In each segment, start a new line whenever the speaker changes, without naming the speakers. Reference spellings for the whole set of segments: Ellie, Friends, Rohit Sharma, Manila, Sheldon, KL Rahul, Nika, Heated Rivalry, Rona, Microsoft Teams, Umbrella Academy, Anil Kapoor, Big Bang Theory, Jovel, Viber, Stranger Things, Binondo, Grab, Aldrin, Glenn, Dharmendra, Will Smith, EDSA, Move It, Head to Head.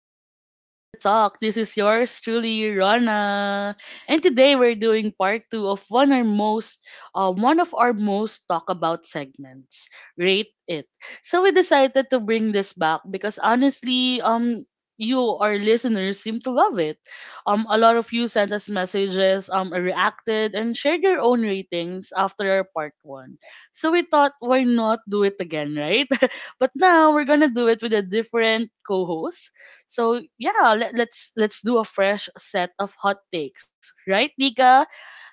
back to Talk the Talk. This is yours truly, Rana. And today we're doing part two of one our most one of our most talk about segments. Rate it. So we decided to bring this back because honestly, you our listeners seem to love it. A lot of you sent us messages, reacted and shared your own ratings after our part one. So we thought why not do it again, right? But now we're gonna do it with a different co-host. So yeah, let's do a fresh set of hot takes, right, Nika?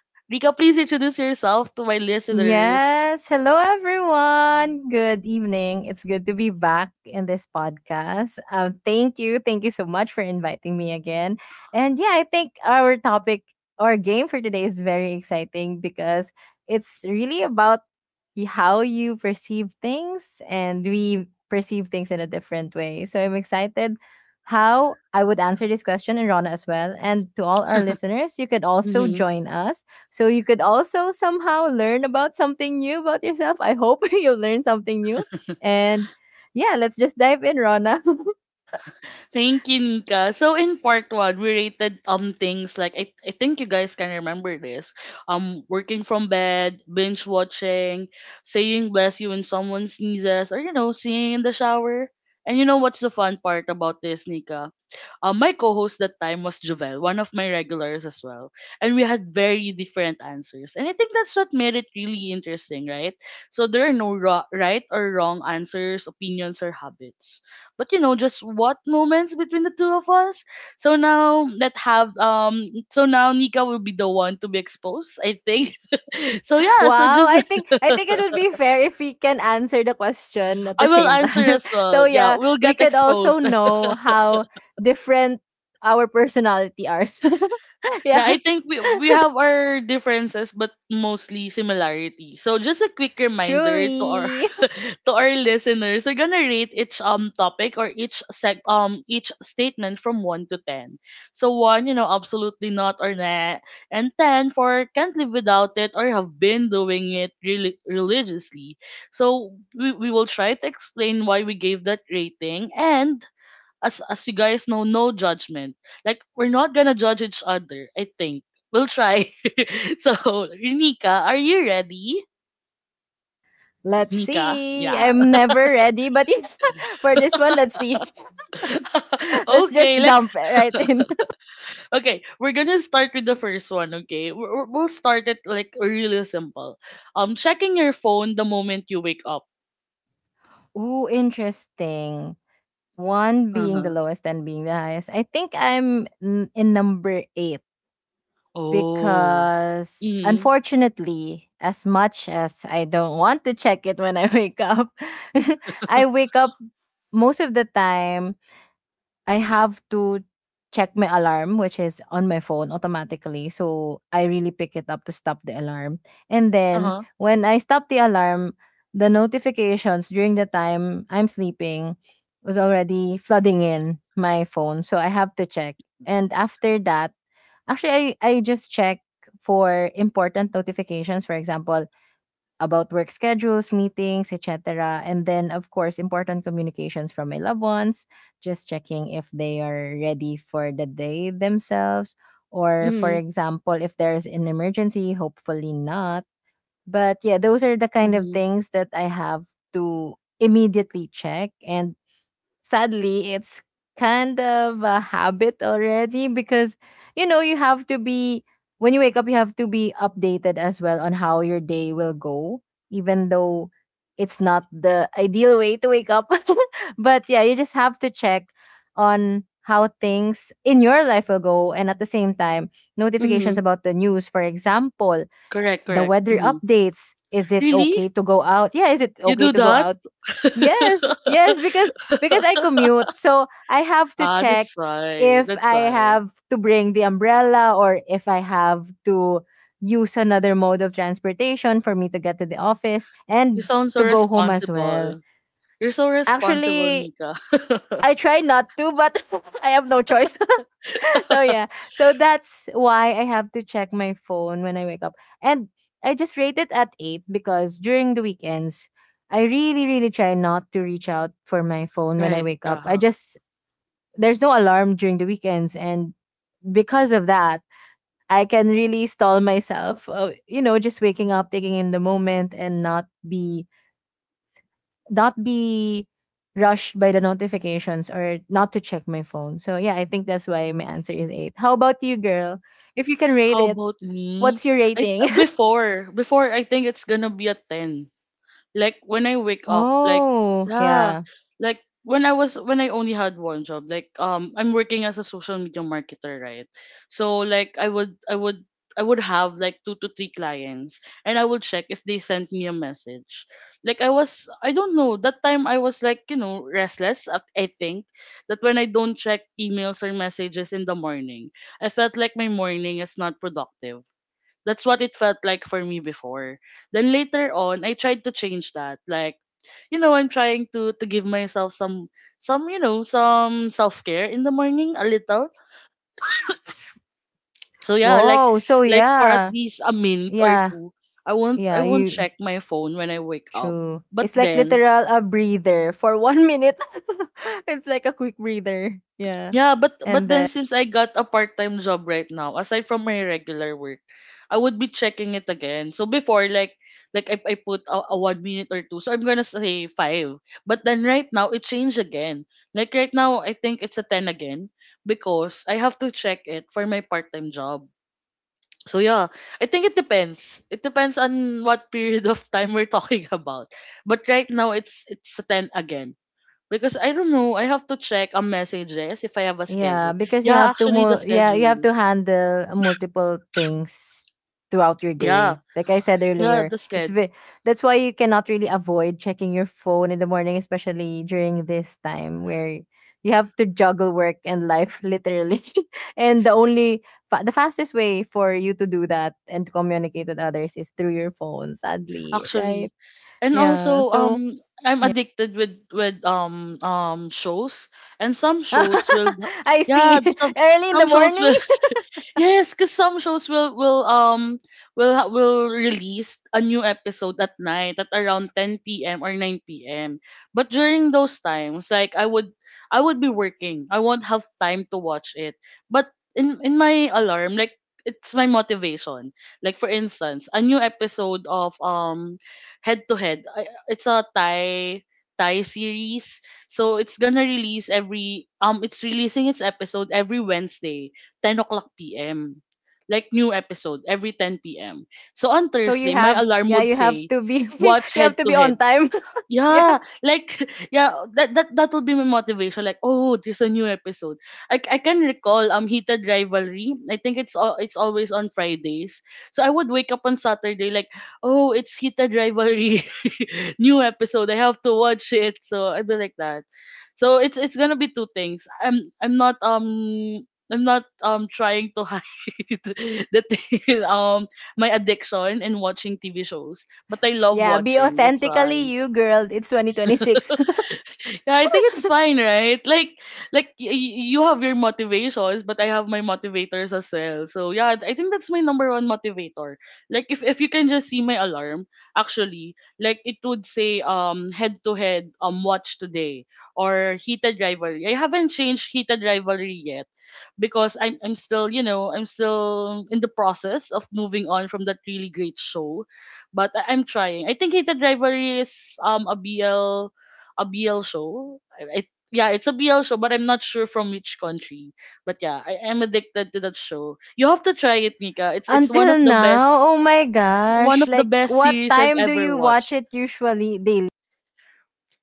Nika, please introduce yourself to my listeners.
Yes. Hello, everyone. Good evening. It's good to be back in this podcast. Thank you. Thank you so much for inviting me again. And yeah, I think our topic or game for today is very exciting because it's really about how you perceive things and we perceive things in a different way. So I'm excited how I would answer this question, and Rona as well. And to all our listeners, you could also
Mm-hmm.
join us, so you could also somehow learn about something new about yourself. I hope you learn something new. And yeah, let's just dive in, Rona.
Thank you, Nika. So in part one, we rated things like I think you guys can remember this. Working from bed, binge watching, saying bless you when someone sneezes, or you know, singing in the shower. And you know what's the fun part about this, Nika? My co-host that time was Jovel, one of my regulars as well, and we had very different answers. And I think that's what made it really interesting, right? So there are no right or wrong answers, opinions, or habits but you know just what moments between the two of us so now let have. So now Nika will be the one to be exposed I think. So yeah, so
Wow,
just
I think it would be fair if we can answer the question at the
I will
same
answer
time.
as
So
well, yeah,
yeah,
we'll
we
get
could also
exposed.
know how different our personality are.
Yeah,
Yeah,
I think we have our differences but mostly similarities. So just a quick reminder to our
truly.
to our listeners, we're gonna rate each topic or each statement from one to ten. So one, you know, absolutely not or nah, and ten for can't live without it or have been doing it really religiously. So we will try to explain why we gave that rating and as you guys know, no judgment. Like we're not gonna judge each other. I think we'll try. So Nika, are you ready?
Let's
Nika,
see.
yeah.
I'm never ready, but yeah, for this one, let's see. Let's
okay,
just
let
jump right in.
Okay. We're gonna start with the first one. Okay, we'll start it like really simple. Checking your phone the moment you wake up.
Ooh, interesting. One
Uh
being the
huh.
lowest, 10 being the highest. I think I'm in number eight
Oh.
because,
Mm.
unfortunately, as much as I don't want to check it when I wake up, I wake up most of the time. I have to check my alarm, which is on my phone automatically. So I really pick it up to stop the alarm. And
Uh
then
huh.
when I stop the alarm, the notifications during the time I'm sleeping was already flooding in my phone. So I have to check. And after that, actually, I just check for important notifications. For example, about work schedules, meetings, etc. And then, of course, important communications from my loved ones, just checking if they are ready for the day themselves. Or, for
Mm.
example, if there's an emergency, hopefully not. But yeah, those are the kind of
Mm.
things that I have to immediately check. And sadly, it's kind of a habit already because, you know, you have to be, when you wake up, you have to be updated as well on how your day will go, even though it's not the ideal way to wake up. But yeah, you just have to check on how things in your life will go, and at the same time, notifications
Mm.
about the news, for example,
Correct.
the
Correct.
weather
Mm.
updates. Is it
Really?
okay to go out? Yeah, is it
You
okay
do
to go
that?
out? Yes, yes, because I commute, so I have to
Ah,
check
that's why.
if
That's
I
why.
have to bring the umbrella, or if I have to use another mode of transportation for me to get to the office
You
and
sound so
to go home as well.
responsible. You're so responsible,
Actually,
Nika.
I try not to, but I have no choice. So yeah, so that's why I have to check my phone when I wake up. And I just rate it at 8 because during the weekends, I really try not to reach out for my phone when I
Right.
wake up. I
Uh-huh.
just, there's no alarm during the weekends, and because of that, I can really stall myself, you know, just waking up, taking in the moment and not be, not be rushed by the notifications, or not to check my phone. So yeah, I think that's why my answer is eight. How about you, girl? If you can rate
How
it,
about me?
what's your
I
rating?
before I think it's gonna be a 10. Like when I wake up, like
Oh,
yeah,
yeah.
like when I was when I only had one job, like I'm working as a social media marketer, right? So like I would have like two to three clients and I would check if they sent me a message. Like I was I don't know, that time I was like, you know, restless at I think that when I don't check emails or messages in the morning, I felt like my morning is not productive. That's what it felt like for me before. Then later on, I tried to change that. Like, you know, I'm trying to give myself some, you know, some self-care in the morning a little. So yeah,
Whoa. So
like for at
yeah.
least a minute or
Yeah.
two, I won't I
Yeah.
won't
You
check my phone when I wake up.
True.
But
It's like
then
literal a breather for 1 minute. It's like a quick breather. Yeah.
yeah, but
And
then
then
since I got a part-time job right now, aside from my regular work, I would be checking it again. So before, like I put a 1 minute or two, so I'm gonna say five. But then right now it changed again. Like right now, I think it's a ten again because I have to check it for my part-time job. So yeah, I think it depends. It depends on what period of time we're talking about. But right now it's a ten again. Because I don't know, I have to check ang messages if I have a schedule. Yeah, actually the
Yeah, you have
schedule.
to handle multiple things throughout your
Yeah,
day. Like I said
yeah,
earlier,
the schedule
that's why you cannot really avoid checking your phone in the morning, especially during this time where you have to juggle work and life literally. And the only fa- the fastest way for you to do that and to communicate with others is through your phone, sadly, right?
actually. And
Yeah,
also
so
I'm
yeah.
addicted with with shows and some shows will
I
yeah,
see. Early in the
some shows
morning.
will yes, because some shows will release a new episode at night at around 10 p.m. or 9 p.m. But during those times, like I would be working. I won't have time to watch it. But in my alarm, like it's my motivation. Like for instance, a new episode of Head to Head. It's a Thai series. So it's gonna release every it's releasing its episode every Wednesday 10:00 PM. Like new episode every 10 PM. So on
So you
Thursday, my
have
alarm
Yeah,
would
you have
say,
to be,
watch
you have
head
to
to
be on
head.
time. Yeah.
Yeah, like yeah, that would be my motivation. Like, oh, there's a new episode. I can recall heated rivalry. I think it's always on Fridays. So I would wake up on Saturday like, oh, it's heated rivalry, new episode. I have to watch it. So I do like that. So it's gonna be two things. I'm not trying to hide that um my addiction in watching TV shows, but I love
Yeah, be
watching. That's
authentically
why.
you, girl. It's 2026.
Yeah, I think it's fine, right? Like you have your motivations, but I have my motivators as well. So yeah, I think that's my number one motivator. Like, if you can just see my alarm, actually, like it would say head to head watch today or heated rivalry. I haven't changed heated rivalry because I'm still you know I'm still in the process of moving on from that really great show, but I'm trying. I think Hated Rivalry is a BL show. Yeah, it's a BL show, but I'm not sure from which country. But yeah, I am addicted to that show. You have to try it, Nika. It's one of
Until
the
now,
best
oh my
one
gosh.
of the
Like
best
what
series I've
time do
ever
you watch
watched.
it usually daily?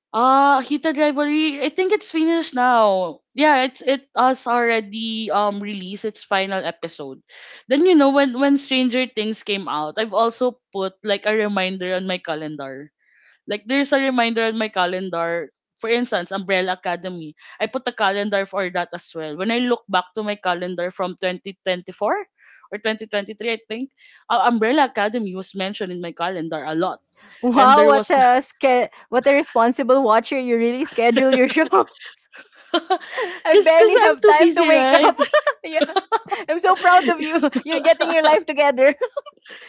Hita Rivalry. I think it's finished now. Yeah, it's it has already released its final episode. Then you know when Stranger Things came out, I've also put like a reminder on my calendar. Like there's a reminder on my calendar. For instance, Umbrella Academy. I put a calendar for that as well. When I look back to my calendar from 2024 or 2023, I think, Umbrella Academy was mentioned in my calendar a lot. And
Wow,
there was
what a responsible watcher. You really schedule your show. I
cause, cause
barely
I'm
have
too
time to
busy,
wake
right?
up. Yeah. I'm so proud of you. You're getting your life together.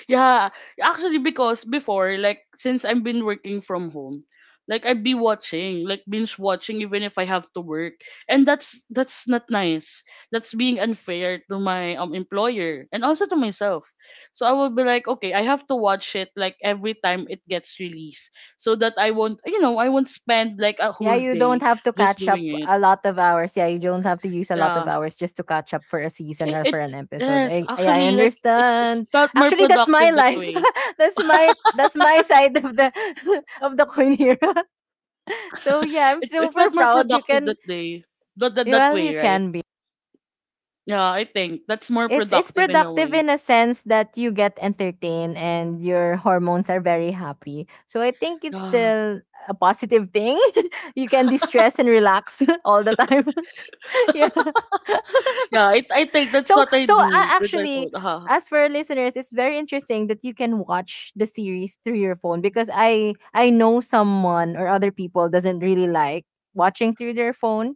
Yeah, actually, because before, like, since I've been working from home, like I'd be watching, like binge watching, even if I have to work, and that's not nice. That's being unfair to my employer and also to myself. So I will be like, okay, I have to watch it like every time it gets released, so that I won't, you know, I won't spend like a
Yeah,
whole
you don't
day
have to
just
catch
doing
up
it.
a lot of hours. Yeah, you don't have to use a lot of
Yeah
hours just to catch up for a season
It,
or for an
it
episode.
yes,
I
actually, like it
understand.
felt more
Actually, that's my
productive that
life.
way.
That's my that's my side of the of the coin here. So yeah, I'm
It felt
super
more
proud. You
productive
can,
that day. That, that that
well,
way,
you
right?
can be.
Yeah, I think that's more
It's
productive in a
productive
way.
in a sense that you get entertained and your hormones are very happy. So I think it's
Yeah,
still a positive thing. You can distress and relax all the time. Yeah.
yeah. I think that's
so
what I
so uh,
do with my phone.
actually,
Ah,
as for our listeners, it's very interesting that you can watch the series through your phone, because I know someone or other people doesn't really like watching through their phone.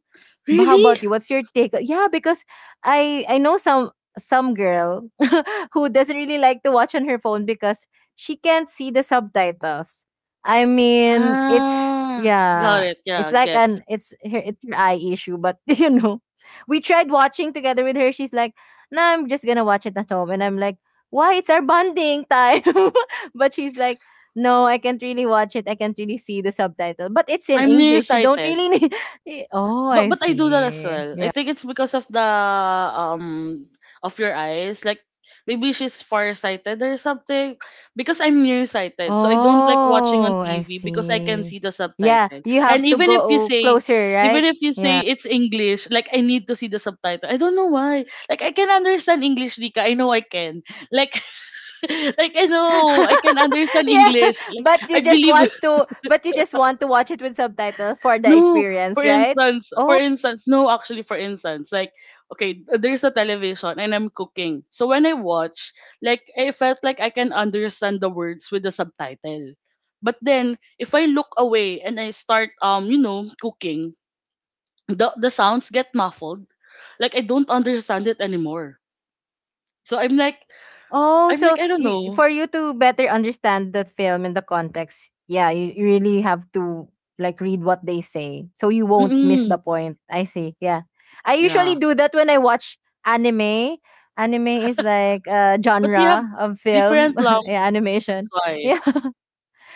But how about
really?
you, what's your take? Yeah, because I know some girl who doesn't really like to watch on her phone because she can't see the subtitles. I mean, it's,
Ah, got
yeah,
it.
it's
Yeah,
like
gets.
an, it's her eye issue, but you know, we tried watching together with her, she's like, now I'm just gonna watch it at home. And I'm like, why? It's our bonding time. But she's like, no, I can't really watch it. I can't really see the subtitle. But it's in
I'm
English. You don't
nearsighted.
really need. Oh, I
But I do that as
see.
well. I
Yeah.
think it's because of the um of your eyes. Like maybe she's farsighted or something. Because I'm nearsighted, so I don't like watching on
Oh, I
TV because I can
see.
see the
Yeah,
subtitle.
you have
And
to
even if you
go
say,
closer,
even
right?
if you
Yeah.
say it's English, like I need to see the subtitle. I don't know why. Like I can understand English, Rika. I know I can. Like like I know I can understand
Yeah,
English. Like I believe
but you just want to watch it with subtitle for the
no,
experience, right?
for
Oh.
instance, no, actually, for instance, like, okay, there's a television and I'm cooking. So when I watch, like, I felt like I can understand the words with the subtitle. But then, if I look away and I start, you know, cooking, the sounds get muffled. Like I don't understand it anymore. So
Oh,
I'm
so
like, I don't
you,
know.
for you to better understand the film and the context, yeah, you really have to like read what they say so you won't miss the
Mm-mm.
point. I see. Yeah. I usually
Yeah,
do that when I watch anime. Anime is like a
but they have
genre of film,
different
yeah,
language. That's
animation.
why.
Yeah.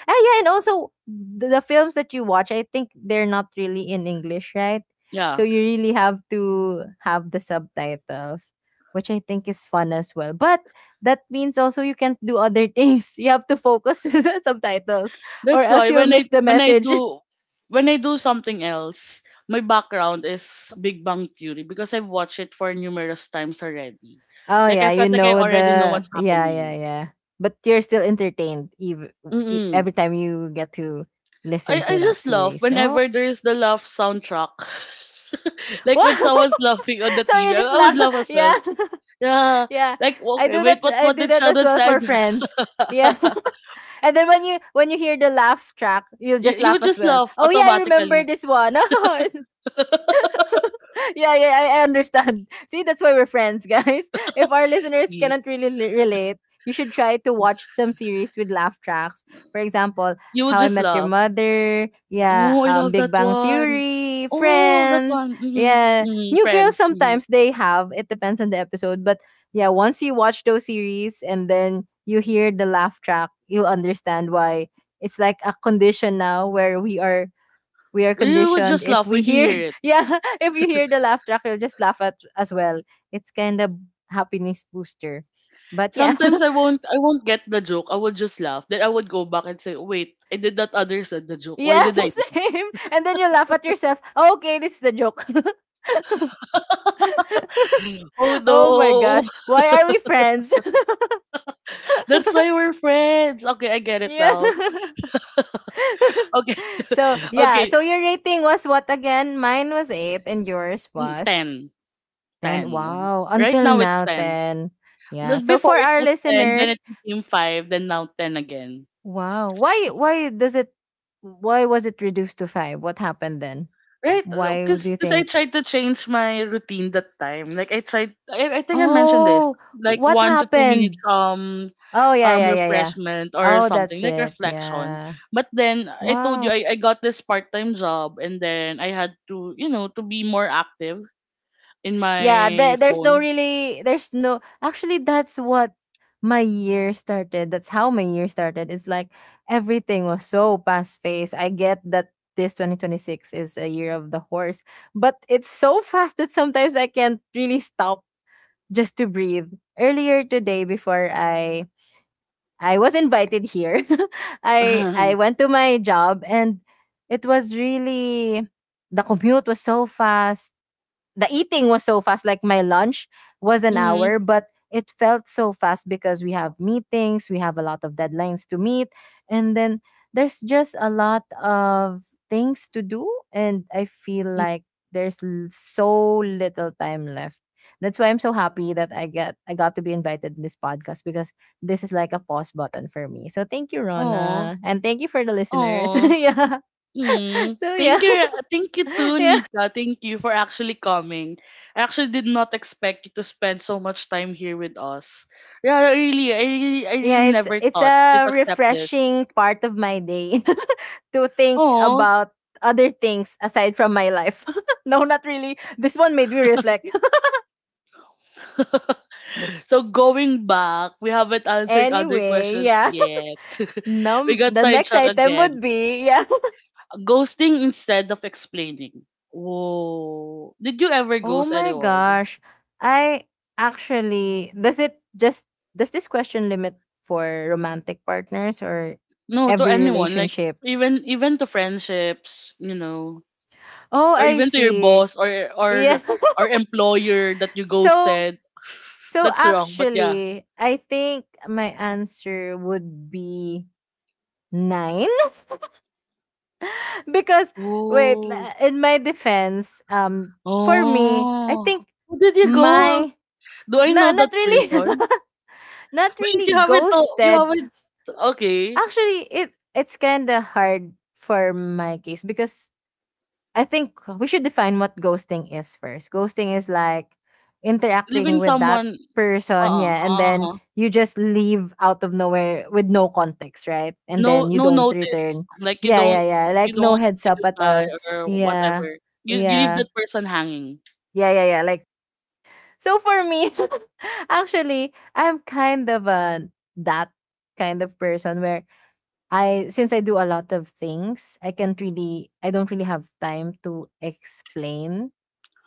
Ah, yeah, and also the films that you watch, I think they're not really in English, right? So
Yeah.
you really have to have the subtitles, which I think is fun as well. But that means also you can't do other things. You have to focus to the subtitles, or
That's
else
why
you'll miss the message.
when I do something else, my background is Big Bang Theory because I've watched it for numerous times already.
Oh
Like I
yeah, you
felt like I
know,
already know
the
what's
yeah, yeah,
happening.
yeah. But you're still entertained, even
Mm-mm.
every time you get to listen
I
to that
just laugh
series. Oh,
whenever there's the laugh soundtrack. Like
wow!
when someone's laughing on the
So
TV,
you
I,
just
I would
laugh,
laugh as
yeah.
well. Yeah.
Yeah.
Like
I
okay,
do
wait,
that I
what
do
did
that as
Sheldon
well
said?
for friends. Yeah. And then when you hear the laugh track, you'll
you,
just
you would
laugh as
just
well.
laugh
Oh yeah, I remember
automatically.
this one. Yeah, yeah, I understand. See, that's why we're friends, guys. If our listeners
See,
cannot really relate, you should try to watch some series with laugh tracks. For example,
you would
How I
just
Met Your
laugh.
Mother, yeah,
Oh, I love
Big
that
Bang
one.
Theory,
Oh, that
Friends,
one. Mm-hmm.
yeah.
Mm-hmm.
New Girl,
Friends. Mm-hmm.
sometimes they have, it depends on the episode. But yeah, once you watch those series and then you hear the laugh track, you'll understand why. It's like a condition now where we are
You would
conditioned.
just
If
laugh
we
when you hear
hear,
it.
yeah, if you hear the laugh track, you'll just laugh at as well. It's kind of happiness booster. But yeah,
Sometimes I won't get the joke. I would just laugh. Then I would go back and say, "Wait, I did that other said the joke. Why
yeah.
did I?" do that?"
Same, and then you laugh at yourself. Okay, this is the joke.
Oh
Oh my
no.
gosh, why are we friends?
That's why we're friends. Okay, I get it
Yeah.
now. Okay.
So yeah,
Okay.
so your rating was what again? Mine was 8 and yours
Mm,
was
10. 10.
10. Wow,
Right
until
now it's
now,
10.
10. Yeah,
No,
so
before
for
it
our
was 10, then
listeners.
it became 5, then now 10 again.
Wow. Why does it, why was it reduced to 5? What happened then?
Right,
Why
because
do you
because I
think?
tried to change my routine that time. Like I think I mentioned this,
Oh,
like
what
1 to 2 minutes
happened? Oh, yeah, yeah, yeah, yeah.
refreshment or
Oh,
something
that's
like
it.
reflection.
Yeah.
But then I told you
Wow.
I got this part time job, and then I had to you know to be more active in
Yeah,
my
there, there's no
phone.
really there's no, actually, that's what my year started. That's how my year started. It's like everything was so fast paced. I get that this 2026 is a year of the horse, but it's so fast that sometimes I can't really stop just to breathe. Earlier today, before I was invited here, I went to my job, and it was really— the commute was so fast, the eating was so fast. Like, my lunch was an
Mm-hmm.
hour, but it felt so fast because we have meetings, we have a lot of deadlines to meet, and then there's just a lot of things to do, and I feel like there's so little time left. That's why I'm so happy that I got to be invited in this podcast, because this is like a pause button for me. So thank you,
Oh,
Rona, and thank you for the listeners.
oh.
Yeah,
Mm,
so yeah.
thank you too,
Yeah,
Nika. Thank you for actually coming. I actually did not expect you to spend so much time here with us. Yeah, I really, I really, I
yeah,
really
it's
never
it's
thought you'd
a
accept this.
refreshing part of my day to think
Oh.
about other things aside from my life. No, not really. This one made me reflect.
So going back, we haven't answered other
Anyway,
questions
yeah.
yet. We
Num
got
The next
sidetracked
item
again.
would be, yeah.
Ghosting instead of explaining. Whoa, did you ever
Oh
ghost
my
anyone?
gosh. I— actually, does it just does this question limit for romantic partners, or
No, to
every
anyone, like
relationship?
even to friendships.
Oh,
Or
I
even to your
see.
boss or
Yeah.
or or employer that you
so
ghosted.
So
That's wrong, but yeah.
actually, I think my answer would be nine because— wait,
Oh.
in my defense, for me, I
Oh.
think
Who did you ghost?
my
Do I
no,
know
not
that
really.
person?
Not
Wait,
really
you
ghosted.
haven't, okay.
Actually, it's kind of hard for my case, because I think we should define what ghosting is first. Ghosting is like interacting
Leaving
with that
someone,
person, yeah, and
uh-uh,
then
uh-huh.
you just leave out of nowhere with no context, right? And
No
then you
no
don't
notice.
return.
Like you
Yeah,
don't
yeah, yeah.
you
Like, no
don't
heads
say
up at
goodbye
all.
or
Yeah.
whatever. You leave
Yeah.
that person hanging.
Yeah, yeah, yeah. Like, so for me, actually, I'm kind of a— that kind of person where I— since I do a lot of things, I can't really— I don't really have time to explain.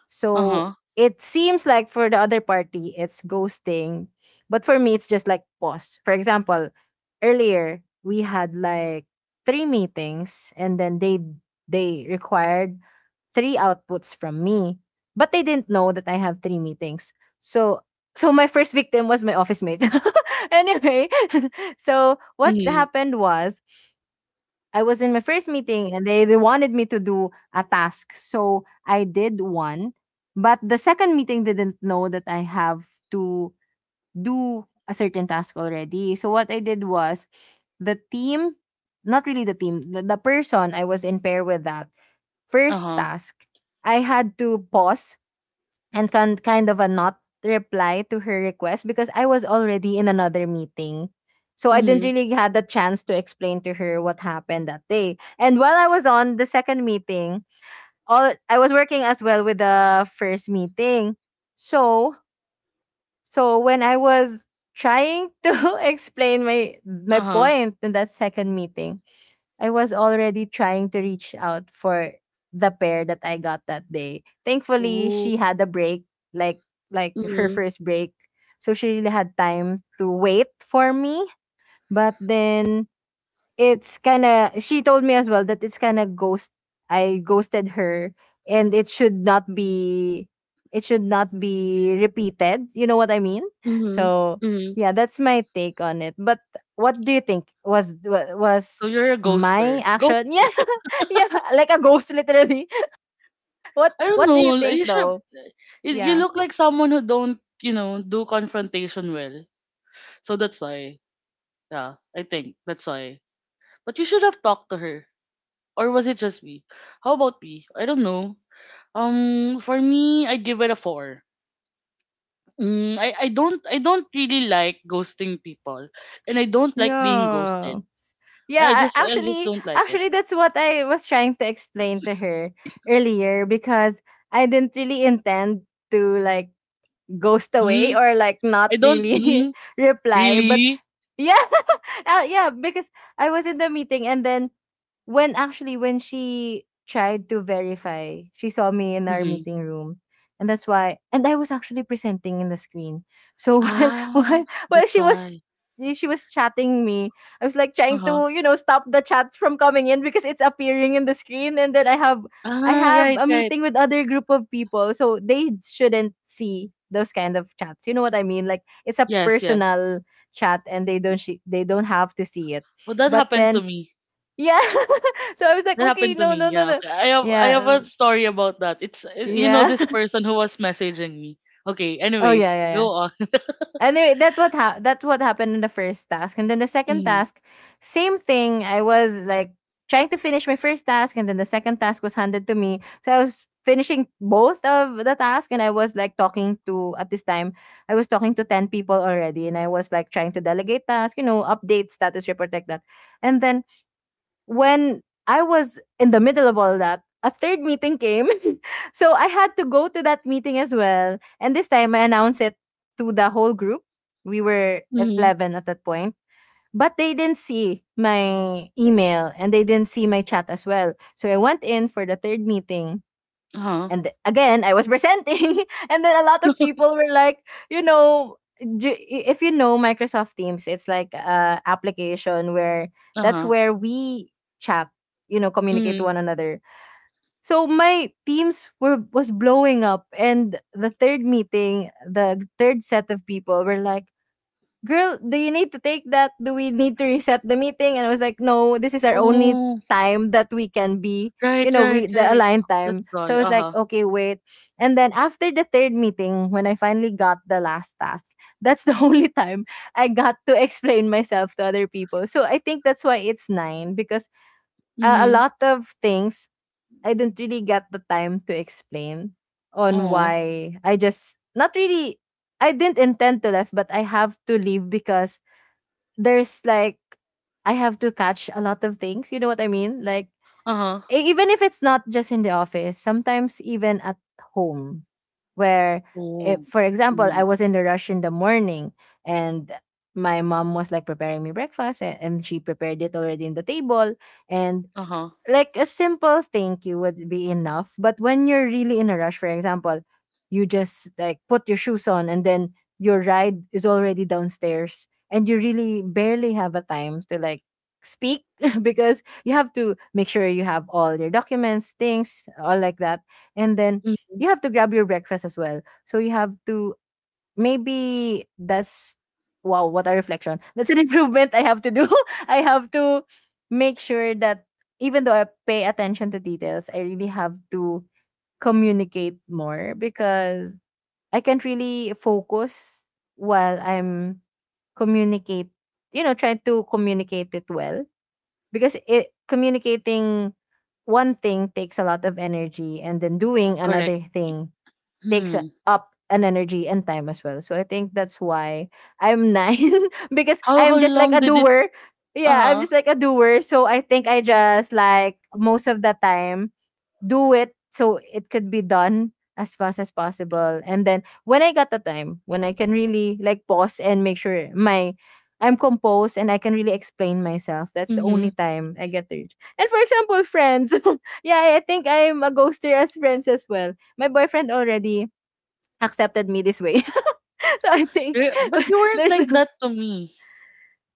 So
Uh-huh.
it seems like for the other party, it's ghosting. But for me, it's just like pause. For example, earlier we had like three meetings, and then they required three outputs from me. But they didn't know that I have three meetings. So my first victim was my office mate. Anyway, so what
Mm-hmm.
happened was, I was in my first meeting and they wanted me to do a task. So I did one. But the second meeting didn't know that I have to do a certain task already. So what I did was, the team— not really the team, the person I was in pair with that first
Uh-huh.
task. I had to pause and kind of a not reply to her request, because I was already in another meeting. So I didn't
Mm-hmm.
really had the chance to explain to her what happened that day. And while I was on the second meeting, all— I was working as well with the first meeting. So when I was trying to explain my
Uh-huh.
point in that second meeting, I was already trying to reach out for the pair that I got that day. Thankfully,
Oh.
she had a break, like like her first break. So she really had time to wait for me. But then it's kind of— she told me as well that it's kind of ghost I ghosted her, and it should not be repeated. You know what I mean?
Mhm,
So,
mhm.
yeah, that's my take on it. But what do you think was wa-
So
was
you're a
my
ghoster. Go.
action? Yeah. Yeah, like a ghost literally.
I don't
What
know,
do you
like,
think though?
you
Yeah.
look like someone who don't do confrontation well. So that's why. Yeah, I think that's why. But you should have talked to her. Or was it just me? How about me? I don't know. For me, I give it a 4. Mm, I don't really like ghosting people and I don't like being
Yeah.
ghosted. I I
Yeah,
just I just
actually,
don't like it.
actually that's what I was trying to explain to her earlier, because I didn't really intend to like ghost away,
Mm,
or like not
I don't
really reply. But
really.
yeah. Yeah, because I was in the meeting, and then— when actually when she tried to verify, she saw me in our
Mm-hmm.
meeting room. And that's why— and I was actually presenting in the screen. So while
Ah,
while
that's
she was
why.
she was chatting me, I was like trying
Uh-huh.
to, you know, stop the chat from coming in because it's appearing in the screen, and then I have I
Ah,
have
right,
a
right.
meeting with other group of people. So they shouldn't see those kind of chats. You know what I mean? Like, it's a
Yes, yes.
personal chat, and they don't sh- they don't have to see it.
Well, that
But
happened to
then,
me.
yeah. So I was like,
That
"Okay,
happened to
no,
me.
no, no,
Yeah,
no."
okay. I have
Yeah.
a story about that. It's, you know
Yeah.
this person who was messaging me. Okay,
Oh, yeah,
anyways,
yeah,
go
yeah.
on.
Anyway, that's what that's what happened in the first task. And then the second
Mm.
task, same thing. I was like trying to finish my first task, and then the second task was handed to me. So I was finishing both of the task, and I was like talking to— at this time, I was talking to 10 people already, and I was like trying to delegate tasks, you know, update status report, like that. And then when I was in the middle of all that, a third meeting came. So I had to go to that meeting as well. And this time I announced it to the whole group. We were
Mm.
11 at that point. But they didn't see my email, and they didn't see my chat as well. So I went in for the third meeting,
Uh-huh.
and again, I was presenting, and then a lot of people were like, you know, if you know Microsoft Teams, it's like a application where that's
Uh-huh.
where we chat, you know, communicate to
Mm.
one another. So my teams were was blowing up, and the third meeting, the third set of people were like, "Girl, do you need to take that? Do we need to reset the meeting?" And I was like, "No, this is our only
Oh,
time that we can be, you
right,
know,
right,
we the
right.
aligned time."
That's
So
why.
I was like,
Uh-huh.
"Okay, wait." And then after the third meeting, when I finally got the last task, that's the only time I got to explain myself to other people. So I think that's why it's nine, because a
Mm.
lot of things I didn't really get the time to explain on
Oh.
why I just— not really I didn't intend to leave, but I have to leave, because there's like— I have to catch a lot of things. You know what I mean? Like,
Uh-huh.
even if it's not just in the office, sometimes even at home, where— if
Oh.
for example, I
Mm.
was in the rush in the morning, and my mom was like preparing me breakfast, and she prepared it already in the table, and
Uh-huh.
like a simple thank you would be enough. But when you're really in a rush, for example, you just like put your shoes on, and then your ride is already downstairs, and you really barely have a time to like speak because you have to make sure you have all your documents, things, all like that. And then
Mm.
you have to grab your breakfast as well. So you have to— maybe that's— wow, what a reflection. That's an improvement I have to do. I have to make sure that even though I pay attention to details, I really have to communicate more, because I can't really focus while communicate, try to communicate it well, because it— communicating one thing takes a lot of energy, and then doing
Correct.
another thing takes
Hmm.
up an energy and time as well. So I think that's why I'm nine because
How
I'm
how
just like
long
a
did it.
doer. Yeah, I'm
Uh-huh.
just like a doer. So I think I just like most of the time do it so it could be done as fast as possible. And then when I got the time, when I can really like pause and make sure my— I'm composed and I can really explain myself, that's the only
Mhm.
time I get to reach. And for example, friends. Yeah, I think I'm a ghoster as friends as well. My boyfriend already accepted me this way. So I think—
Re But you weren't
there's
like
the
that to me.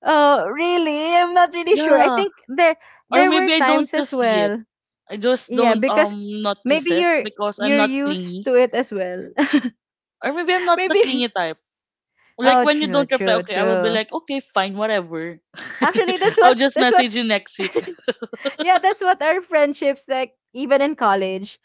oh really, I'm not really sure. I
Yeah.
think there
Or
there were
maybe I don't
times as
just see it.
well.
I just
Yeah,
don't
because
notice
maybe
it
you're—
because I'm
you're
not
used
clingy.
to it as well.
Or maybe I'm not the
Maybe—
clingy type. Like
oh,
when you
true,
don't reply,
true,
okay, I will be
true.
like, okay, fine, whatever.
Actually, that's
I'll
what
just
that's what
message you next week.
yeah, that's what our friendships like, even in college.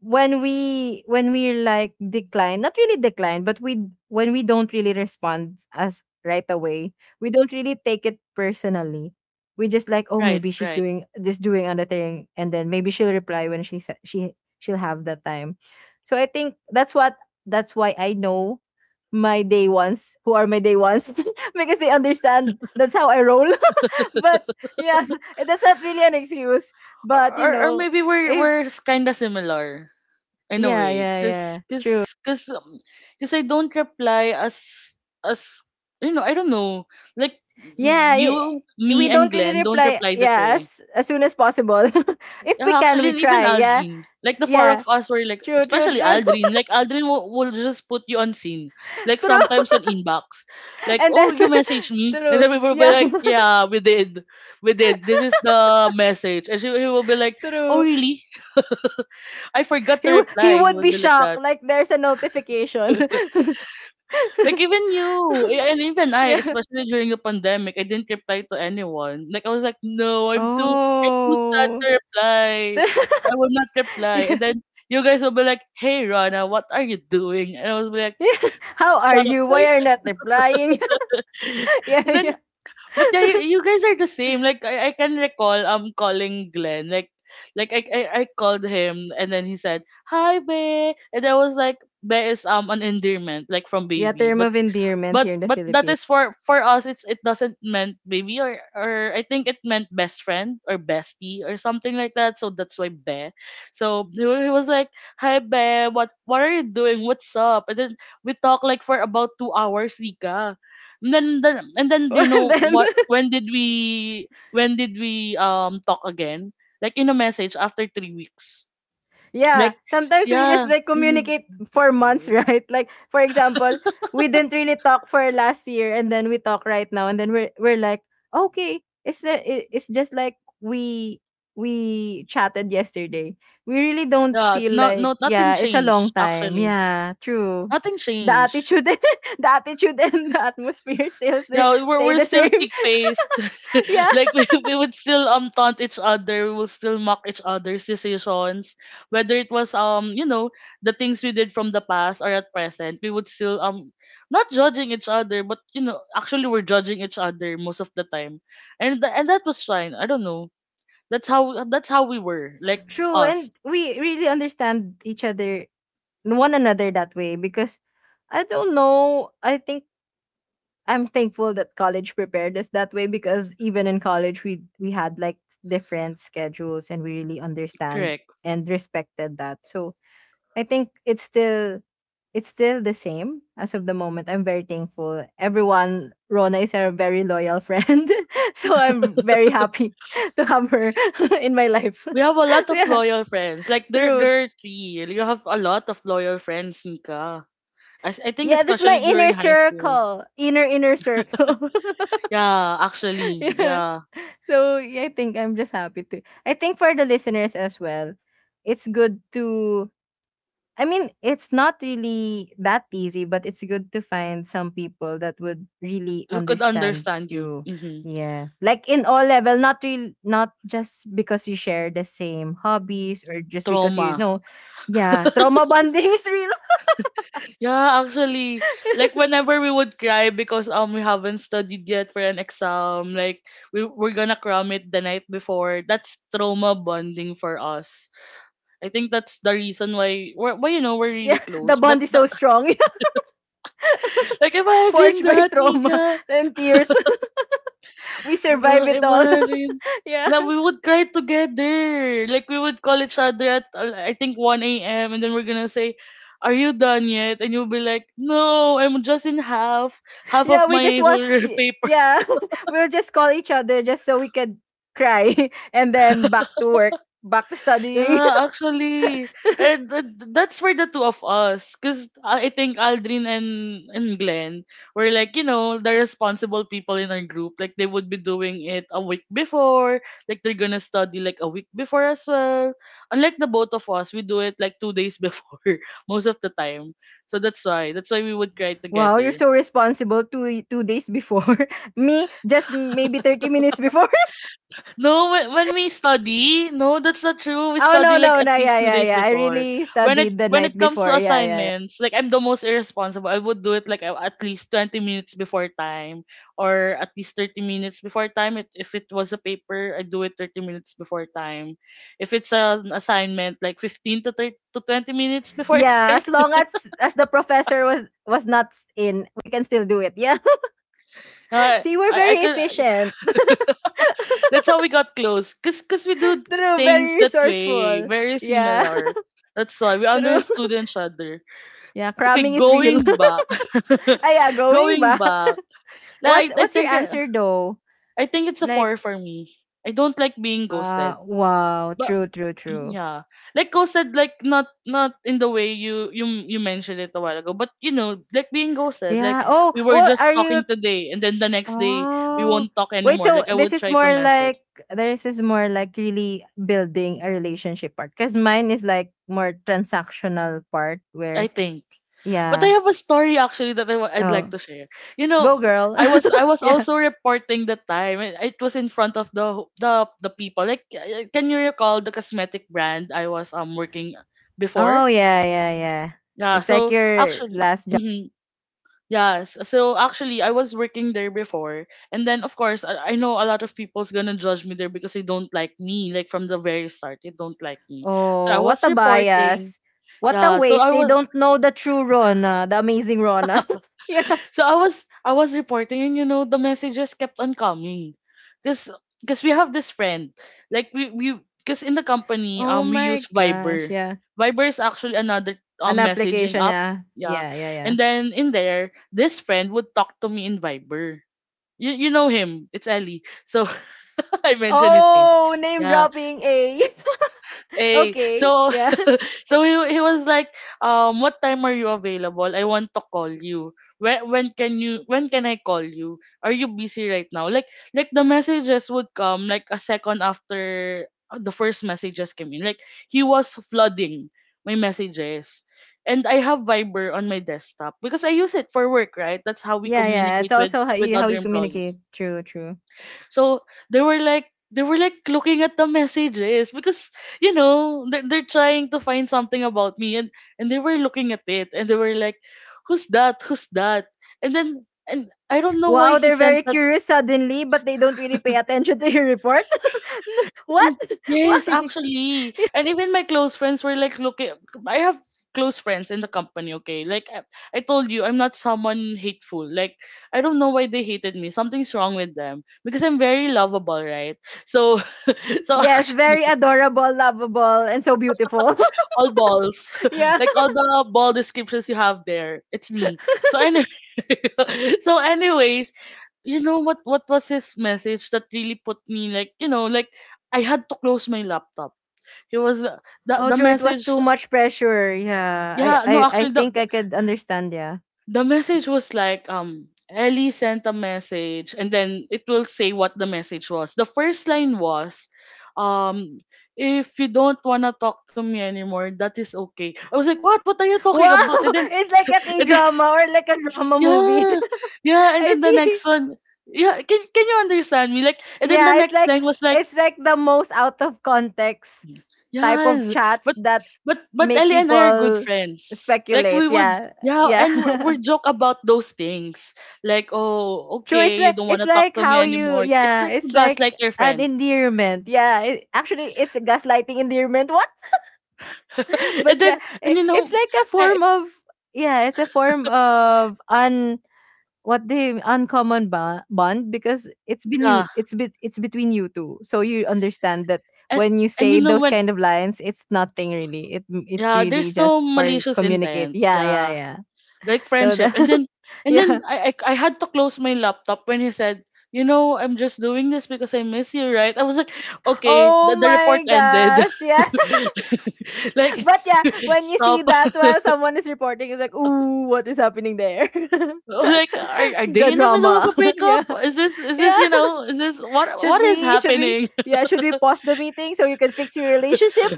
When we like decline— not really decline, but we when we don't really respond as right away, we don't really take it personally. We just like, oh,
Right,
maybe she's
right.
doing— just doing another thing, and then maybe she'll reply when she she'll have the time. So I think that's what— that's why I know my day ones who are my day ones because they understand that's how I roll. But yeah. That's not really an excuse,
Or
but you
or, or
know,
maybe we're
if—
we're kind of similar in a
yeah,
way,
yeah,
cause
yeah, true.
cause I don't reply as as you know I don't know like
Yeah,
you,
I we
me, and
don't really
Glenn don't
reply,
reply that
yeah,
way.
as soon as possible. If we
Yeah,
can,
actually,
we
and even
try, yeah.
Aldrin. Like the four
Yeah.
of us were like,
True, true,
especially
true.
Aldrin. Like Aldrin will just put you on scene. Like
True.
sometimes on inbox. Like,
And
oh,
then
you messaged me, and
true.
then we will be
Yeah,
like, yeah, we did, we did. This is the message, and she, he will be like, oh,
true.
really? I forgot to
He
reply. He
would
would
be
be like
shocked,
that.
like, there's a notification.
Like even you, yeah, and even I,
Yeah.
especially during the pandemic, I didn't reply to anyone. Like I was like, no, I'm too sad to
Oh.
reply. I will not reply.
Yeah.
And then you guys will be like, hey Rana, what are you doing? And I was like,
Yeah. "How are
shut up,
you? Why
guys.
are you not replying?" Yeah,
And then,
yeah.
but yeah, you guys are the same. Like I can recall, calling Glenn. Like I called him, and then he said, hi, Be. And I was like, Be is an endearment, like from
Yeah,
baby,
term
but
of endearment here in the
that
Philippines.
is for us, it's, it doesn't meant baby or I think it meant best friend or bestie or something like that, so that's why Be. So he was like, hi, Be, what are you doing, what's up? And then we talked like for about 2 hours, Rika, and then, do you
And
know
then—
what, when did we talk again, like in a message after 3 weeks?
yeah,
Like,
sometimes we just
yeah.
like
Mhm.
communicate for months, right? Like for example, we didn't really talk for last year and then we talk right now and then we're like, "Okay, it's just like we chatted yesterday. We really don't
Yeah.
feel
No,
like,
no, nothing
yeah, it's a
changed,
long time."
actually.
Yeah, true.
Nothing
The
changed.
attitude the attitude and the atmosphere still stay,
Yeah, we're
stay
we're
the
still
same.
thick faced.
Yeah,
Like we would still taunt each other, we will still mock each other's decisions. Whether it was, the things we did from the past or at present, we would still not judging each other, but actually we're judging each other most of the time. And that was fine. I don't know. That's how we were, like
true. And
us.
we really understand each other one another that way because I don't know. I think I'm thankful that college prepared us that way because even in college we had like different schedules and we really understand
Correct.
and respected that. So I think it's still the same as of the moment. I'm very thankful. Everyone, Rona is a very loyal friend. So I'm very happy to have her in my life.
We have a lot of
Yeah,
loyal friends. Like there
true.
there are three. You have a lot of loyal friends, Nika. I think
Yeah, this is my
especially during
inner
high school.
circle. Inner inner circle.
Yeah, actually,
Yeah.
yeah.
So yeah, I think I'm just happy to. I think for the listeners as well, it's good to. I mean, it's not really that easy, but it's good to find some people that would really
We could
understand
understand you.
you.
Hmm.
Yeah, like in all level, not real, not just because you share the same hobbies or just because you
Trauma.
know. Yeah, trauma bonding is real.
Yeah, actually, like whenever we would cry because we haven't studied yet for an exam, like we're gonna cram it the night before. That's trauma bonding for us. I think that's the reason why we're, why you know we're
Yeah,
really
the
close.
bond
But
is so
the,
strong,
like imagine
forged by
that,
trauma
Nika.
and tears. We survive it all.
Imagine.
Yeah.
Now we would cry together. Like we would call each other at I think 1 a.m. and then we're gonna say, "Are you done yet?" And you'll be like, "No, I'm just in half of
yeah, we just
my
want
whole
y-
paper."
yeah, we'll just call each other just so we could cry and then back to work, back to studying.
Yeah, actually, and that's for the two of us, cause I think Aldrin and Glenn were like, you know, the responsible people in our group. Like they would be doing it a week before, like they're gonna study like a week before as well. Unlike the both of us, we do it like 2 days before most of the time. So that's why we would cry
Wow, you're
together.
so responsible two two days before. Me, just maybe 30 minutes before.
No, when we study, no, that's not true. We
Oh no,
study like
no,
at
no,
least
yeah,
two
yeah,
days
yeah. I
before.
really
When it
studied the
when it
night
comes
before.
to
Yeah, yeah, yeah.
assignments, like I'm the most irresponsible. I would do it like at least 20 minutes before time, or at least 30 minutes before time. If it was a paper, I do it 30 minutes before time. If it's an assignment, like 15 to 30, to 20 minutes before
Yeah,
time.
as long as the professor was not in, we can still do it. Yeah. See, we're
I
very
could.
efficient.
That's how we got close. Cause we do
True,
things
very
that way,
resourceful.
very
Yeah.
similar. That's why we
True.
understood each other.
Yeah,
Okay,
cramming is real.
going back,
Ah, yeah, going
going
back.
back.
what's
Like, I
what's your
think I,
answer though?
I think it's a
Like,
four for me. I don't like being
uh,
ghosted,
wow,
but
true, true, true.
yeah, like ghosted, like not in the way you mentioned it a while ago, but you know, like being ghosted.
Yeah.
Like
Oh,
we were
well,
just
are you
talking today, and then the next day we
oh
won't talk
wait,
anymore.
so
Like I
this
would
is
try to
more
message.
like this is more like really building a relationship part. Because mine is like more transactional part
I
where
think. But I
yeah.
have a story actually that I'd like
Oh.
to share. You know,
Go girl.
I was I was
Yeah.
also reporting that time. And it was in front of the people. Like, can you recall the cosmetic brand I was working
Oh
before?
yeah, yeah, yeah.
Yeah.
It's like
So
your
actually,
last
mm yes. So actually, I was working there before, and then of course, I know a lot of people's gonna judge me there because they don't like me. Like from the very start, they don't like me. So I
Oh, what
was
a
reporting.
bias. What a
Yeah. So
waste.
I
They
was
don't know the true Rona, the amazing Rona. Yeah.
So I was I was reporting and you know the messages kept on coming. Cause, cause we have this friend. Like we cause in the company
Oh
we
my
use
gosh.
Viber.
Yeah.
Viber is actually another
An
messaging
application,
app.
yeah.
Yeah.
Yeah, yeah, yeah.
And then in there, this friend would talk to me in Viber. You know him. It's Ellie. So I mentioned his name.
Oh, name
Yeah.
dropping A.
Hey,
Okay.
so
Yeah.
so he was like, what time are you available? I want to call you. When can you when can I call you? Are you busy right now? Like the messages would come like a second after the first messages came in. Like he was flooding my messages. And I have Viber on my desktop because I use it for work, right? That's how we
Yeah, yeah.
communicate
It's
with
also
with
how
other
you
employees.
communicate. True, true.
So they were like they were looking at the messages because they're trying to find something about me and they were looking at it and they were like who's that? And then and I don't know why
Wow,
he
they're
sent
very
that.
curious suddenly, but they don't really pay attention to your report. What?
Mm, yes,
Why?
actually, and even my close friends were like looking. I have close friends in the company. Okay, I told you I'm not someone hateful. Like, I don't know why they hated me. Something's wrong with them because I'm very lovable, right? So so
Yes, very
actually
adorable, lovable, and so beautiful.
all balls,
Yeah.
like all the ball descriptions you have there. It's me. So anyway, so anyways, What was his message that really put me like I had to close my laptop. It was uh, the
Oh,
the
true. It was
message.
too much pressure. Yeah, I,
Yeah, no,
I, I
actually the
think
the
I could understand. Yeah.
the message was like, Ellie sent a message and then it will say what the message was. The first line was um if you don't wanna talk to me anymore, that is okay. I was like, what? What are you talking
Wow,
about? And then.
it's like a K
And then
drama or like a drama movie.
yeah, yeah, and
I
then the
see.
next one, yeah, can you understand me? Like, and then the
Yeah,
next line was like,
it's like the most out of context type of
yes,
chats
but
that
but
make
Ellie and I are good
people
friends. Like
speculate.
we would,
Yeah,
yeah, and we're,
yeah.
we're joke about those things. Like, oh,
True.
okay, you don't want
It's
to talk
like
to me
how you.
anymore. It's
Yeah,
like you
it's like
gaslight your
an
friends.
endearment. Yeah. It, actually, it's a gaslighting endearment. But
And
yeah,
then and
I-
you
it's
know,
like a
eh,
form of yeah, it's a form of un what do you, uncommon ba- bond because it's been you
yeah,
it's bit it's between you two. So you understand that
and
when you
and you
say
know
those
when.
kind of lines, it's nothing really. It it's
Yeah,
really
there's no
just for
malicious
communicate.
intent.
Yeah, yeah,
Yeah,
yeah.
like
So
friendship
the
and
yeah.
then I had to close my laptop when he said, you know, I'm just doing this because I miss you, right? I was like, okay, the,
Oh
the report
my
ended.
gosh. Yeah.
Like
But yeah, when you see
stop.
that while someone is reporting, it's like, ooh, what is happening there?
Like are, are they
the
in the middle of
drama.
a breakup?
Yeah.
Is this, is
Yeah.
this, you know, is this what
Should
what is
we? Should we?
happening?
Yeah, should we pause the meeting so you can fix your relationship?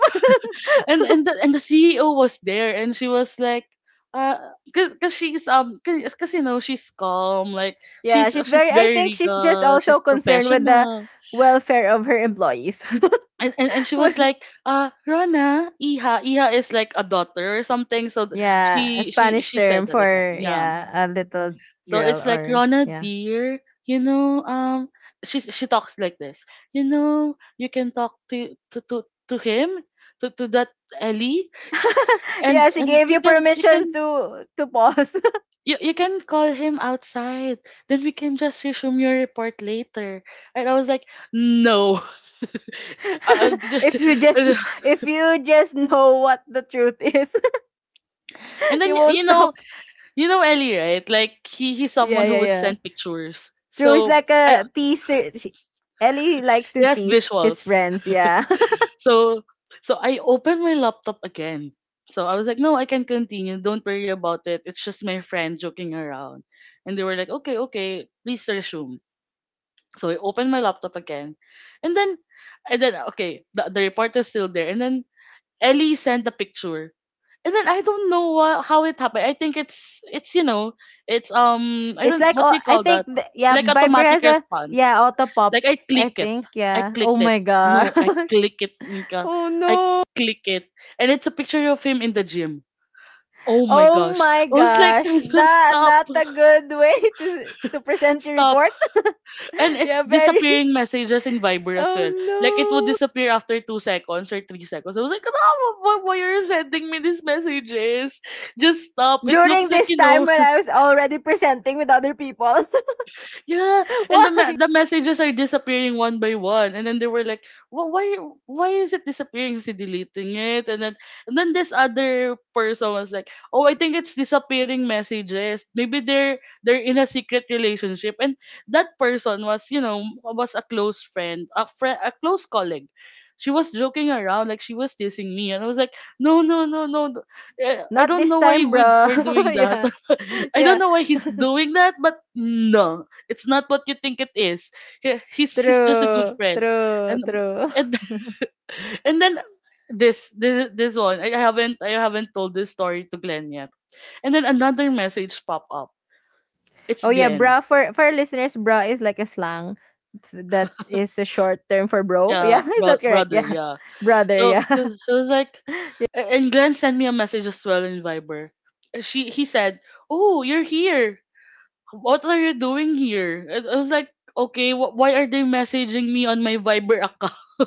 And and the CEO was there and she was like uh, cause, cause she's you know, she's calm, like
Yeah,
she's
she's
she's
very I
very
think she's just
regal,
also
she's
concerned with the
professional,
welfare of her employees.
and she
Well,
was like, Rona, Iha, Iha is like a daughter or something. So
yeah, a
she she
Spanish
she said
term
that like that.
for
Yeah.
yeah, a little
So
girl
it's like
or
Rona,
yeah.
dear, you know, she talks like this. You know, you can talk to him, to that Ellie. Sh- and
Yeah, she
and
gave you permission to pause.
You can call him outside. Then we can just resume your report later. And I was like, no. I just,
If you just if you just know what the truth is,
and
you
then
won't
you know,
stop.
you know Ellie, right? Like he's someone
Yeah,
who
yeah,
would
yeah.
send pictures.
True, it's
So
like
I,
a teaser. She, Ellie likes to
yes,
tease his
visuals.
friends. Yeah,
So so I opened my laptop again. So I was like, no, I can continue. Don't worry about it. It's just my friend joking around. And they were like, okay, okay, please resume. So I opened my laptop again. And then and then okay, the report is still there. And then Ellie sent the picture. And then I don't know what, how it happened. I think it's you know, it's I
it's
don't,
like
what
oh,
do you
I
call
think
that?
th- yeah,
Like
by
automatic
Yeah,
response.
auto pop.
Like I
I
click it.
think
I
yeah. Oh
clicked it.
my gosh.
No, I click it, Nika.
Oh
I
no.
click it. And it's a picture of him in the gym. Oh my
Oh
gosh.
my
I was like,
gosh. That
stop.
not a good way to present your
Stop.
report.
And
Yeah,
it's
very.
disappearing messages in Viber as
Oh
well. Like it would
no.
disappear after 2 seconds or 3 seconds. I was like, oh, why are you sending me these messages? Just stop. It
During
looks like,
this
you
time
know,
when I was already presenting with other people.
yeah, and
Why?
the messages are disappearing one by one, and then they were like, "Wh- "Why, why is it disappearing? Is he deleting it?" And then this other person was like, "Oh, I think it's disappearing messages. Maybe they're in a secret relationship." And that person was, you know, was a close friend, a friend, a close colleague. She was joking around, like she was teasing me, and I was like, "No, no, no, no! No. I
Not
don't
this
know why
time,
we
bro.
we're doing that."
Yeah.
I don't
Yeah.
know why he's doing that, but no. It's not what you think it is. He's just a good
True,
friend.
true,
And
true.
and and then this one I haven't told this story to Glenn yet. And then another message pop up. It's
Oh yeah,
Glenn.
bra for our listeners, bra is like a slang th- that is a short term for bro.
Yeah,
Yeah, is that correct?
brother.
Yeah.
Yeah.
Brother,
So
yeah.
it was it was like, and Glenn sent me a message as well in Viber. She he said, "Oh, you're here. What are you doing here?" I was like, okay, why are they messaging me on my Viber account?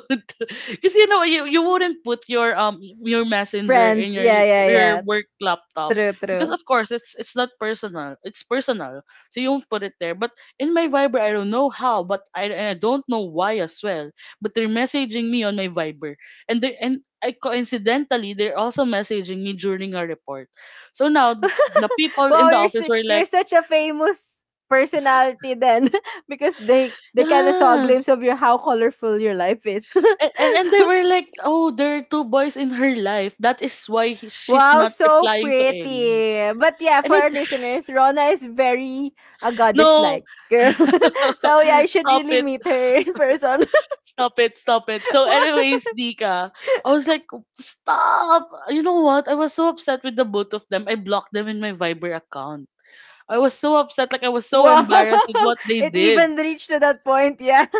Because you know, you wouldn't put your messenger in
Friends. Yeah, yeah,
your
yeah.
work laptop
True,
because
true.
of course it's not personal. It's personal, so you won't put it there. But in my Viber, I don't know how, but I, and I don't know why as well. But they're messaging me on my Viber, and they, and I coincidentally, they're also messaging me during a report. So now the people in
Wow,
the
you're
office
su-
were
you're
like,
such a famous personality then because they kind of saw a
yeah.
glimpse of your how colorful your life is.
And, and they were like, oh, there are two boys in her life. That is why she's
Wow,
not
so
replying to
pretty.
Ellie.
But yeah,
And
for
it
our listeners, Rona is very a goddess
no.
like girl. So yeah, I should
Stop
really
it.
meet her in person.
Stop it. Stop it. So anyways, Nika, I was like, stop. You know what? I was so upset with the both of them. I blocked them in my Viber account. I was so upset, like I was so
Wow.
embarrassed with what they
It
did.
even reached to that point, yeah.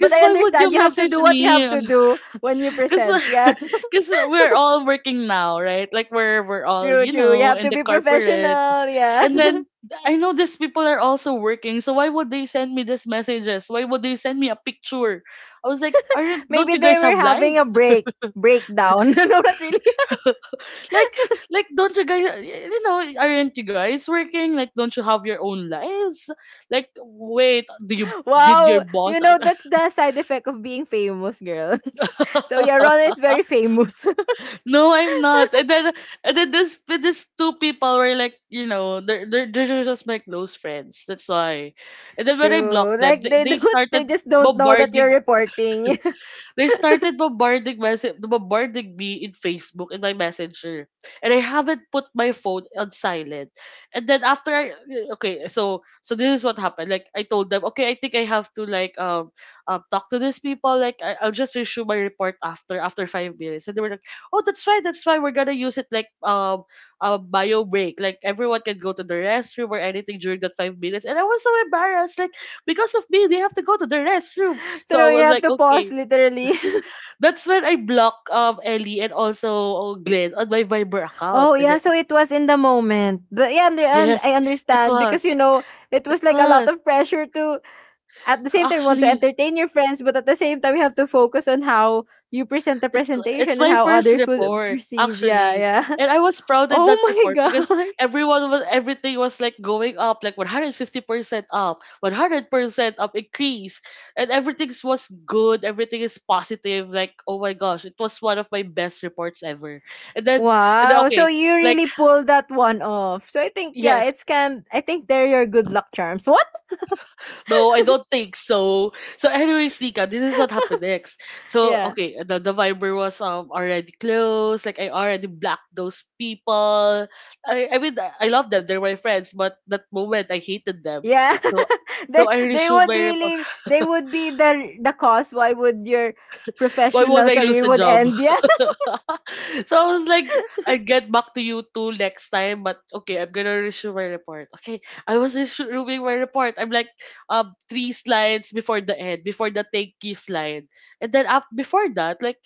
But I
why would
understand
you
you have to
message
do what you have
me?
to do when you
Cause,
present. Yeah.
cause we're all working now, right? Like we're all,
True,
you
true. You
know,
have
in
to
the
be
corporate,
professional, yeah.
and then I know these people are also working. So why would they send me these messages? Why would they send me a picture? I was like, aren't, don't
Maybe
you
they
guys have
were having a
lives?
break breakdown. No, not really.
Like like don't you guys, you know, aren't you guys working? Like don't you have your own lives? Like wait, do you, did your
Wow.
boss
You know, that's the side effect of being famous, girl. So yeah, Rona is very famous.
no, I'm not. And then this two people were like, you know, they're just my close friends. That's why. And then when I
True.
blocked them,
Like they
they
don't they
started
just don't know that you're
bombarding,
reporting.
they started bombarding, message bombarding me in Facebook in my messenger. And I haven't put my phone on silent. And then after I okay, so so this is what happened. Like I told them, okay, I think I have to like talk to these people. Like I'll just issue my report after after 5 minutes. And they were like, oh, that's right, that's why we're gonna use it like a bio break. Like everyone can go to the restroom or anything during that 5 minutes. And I was so embarrassed, like because of me, they have to go to the restroom. So I
True, you
was
have
like,
to pause
okay.
literally.
That's when I block Ellie and also, oh, Glenn on my Viber account.
Oh
Is
yeah,
it?
so it was in the moment. But yeah, and
Yes,
I
it
understand because you
was.
know, it
It
was like a lot
was.
of pressure to at the same time you want to
Actually,
entertain your friends, but at the same time you have to focus on how you present the
it's it's
presentation and
my
how
first
others would
report
perceive. Yeah,
actually,
yeah.
and I was proud in
Oh
that
my
report because
god.
everyone was, everything was like going up, like 150% up, 100% up increase, and everything was good. Everything is positive. Like oh my gosh, it was one of my best reports ever. And then and then
Wow. So
okay,
you
like
really pulled that one off. So I think yeah,
yes,
it's can I think they're your good luck charms. What?
no, I don't think so. So anyways, Nika, this is what happened next. So
Yeah.
okay, the Viber was already closed. Like I already blocked those people. I love them, they're my friends, but that moment I hated them.
Yeah.
So
they
so I
they
resumed
would
my report.
really they would be the cause why would your
Why would
professional
I lose
career
a
would
job?
end. Yeah.
So I was like, I get back to you two next time, but okay, I'm gonna reissue my report. Okay, I was reviewing my report. I'm like, three slides before the end, before the thank you slide, and then after before that, like,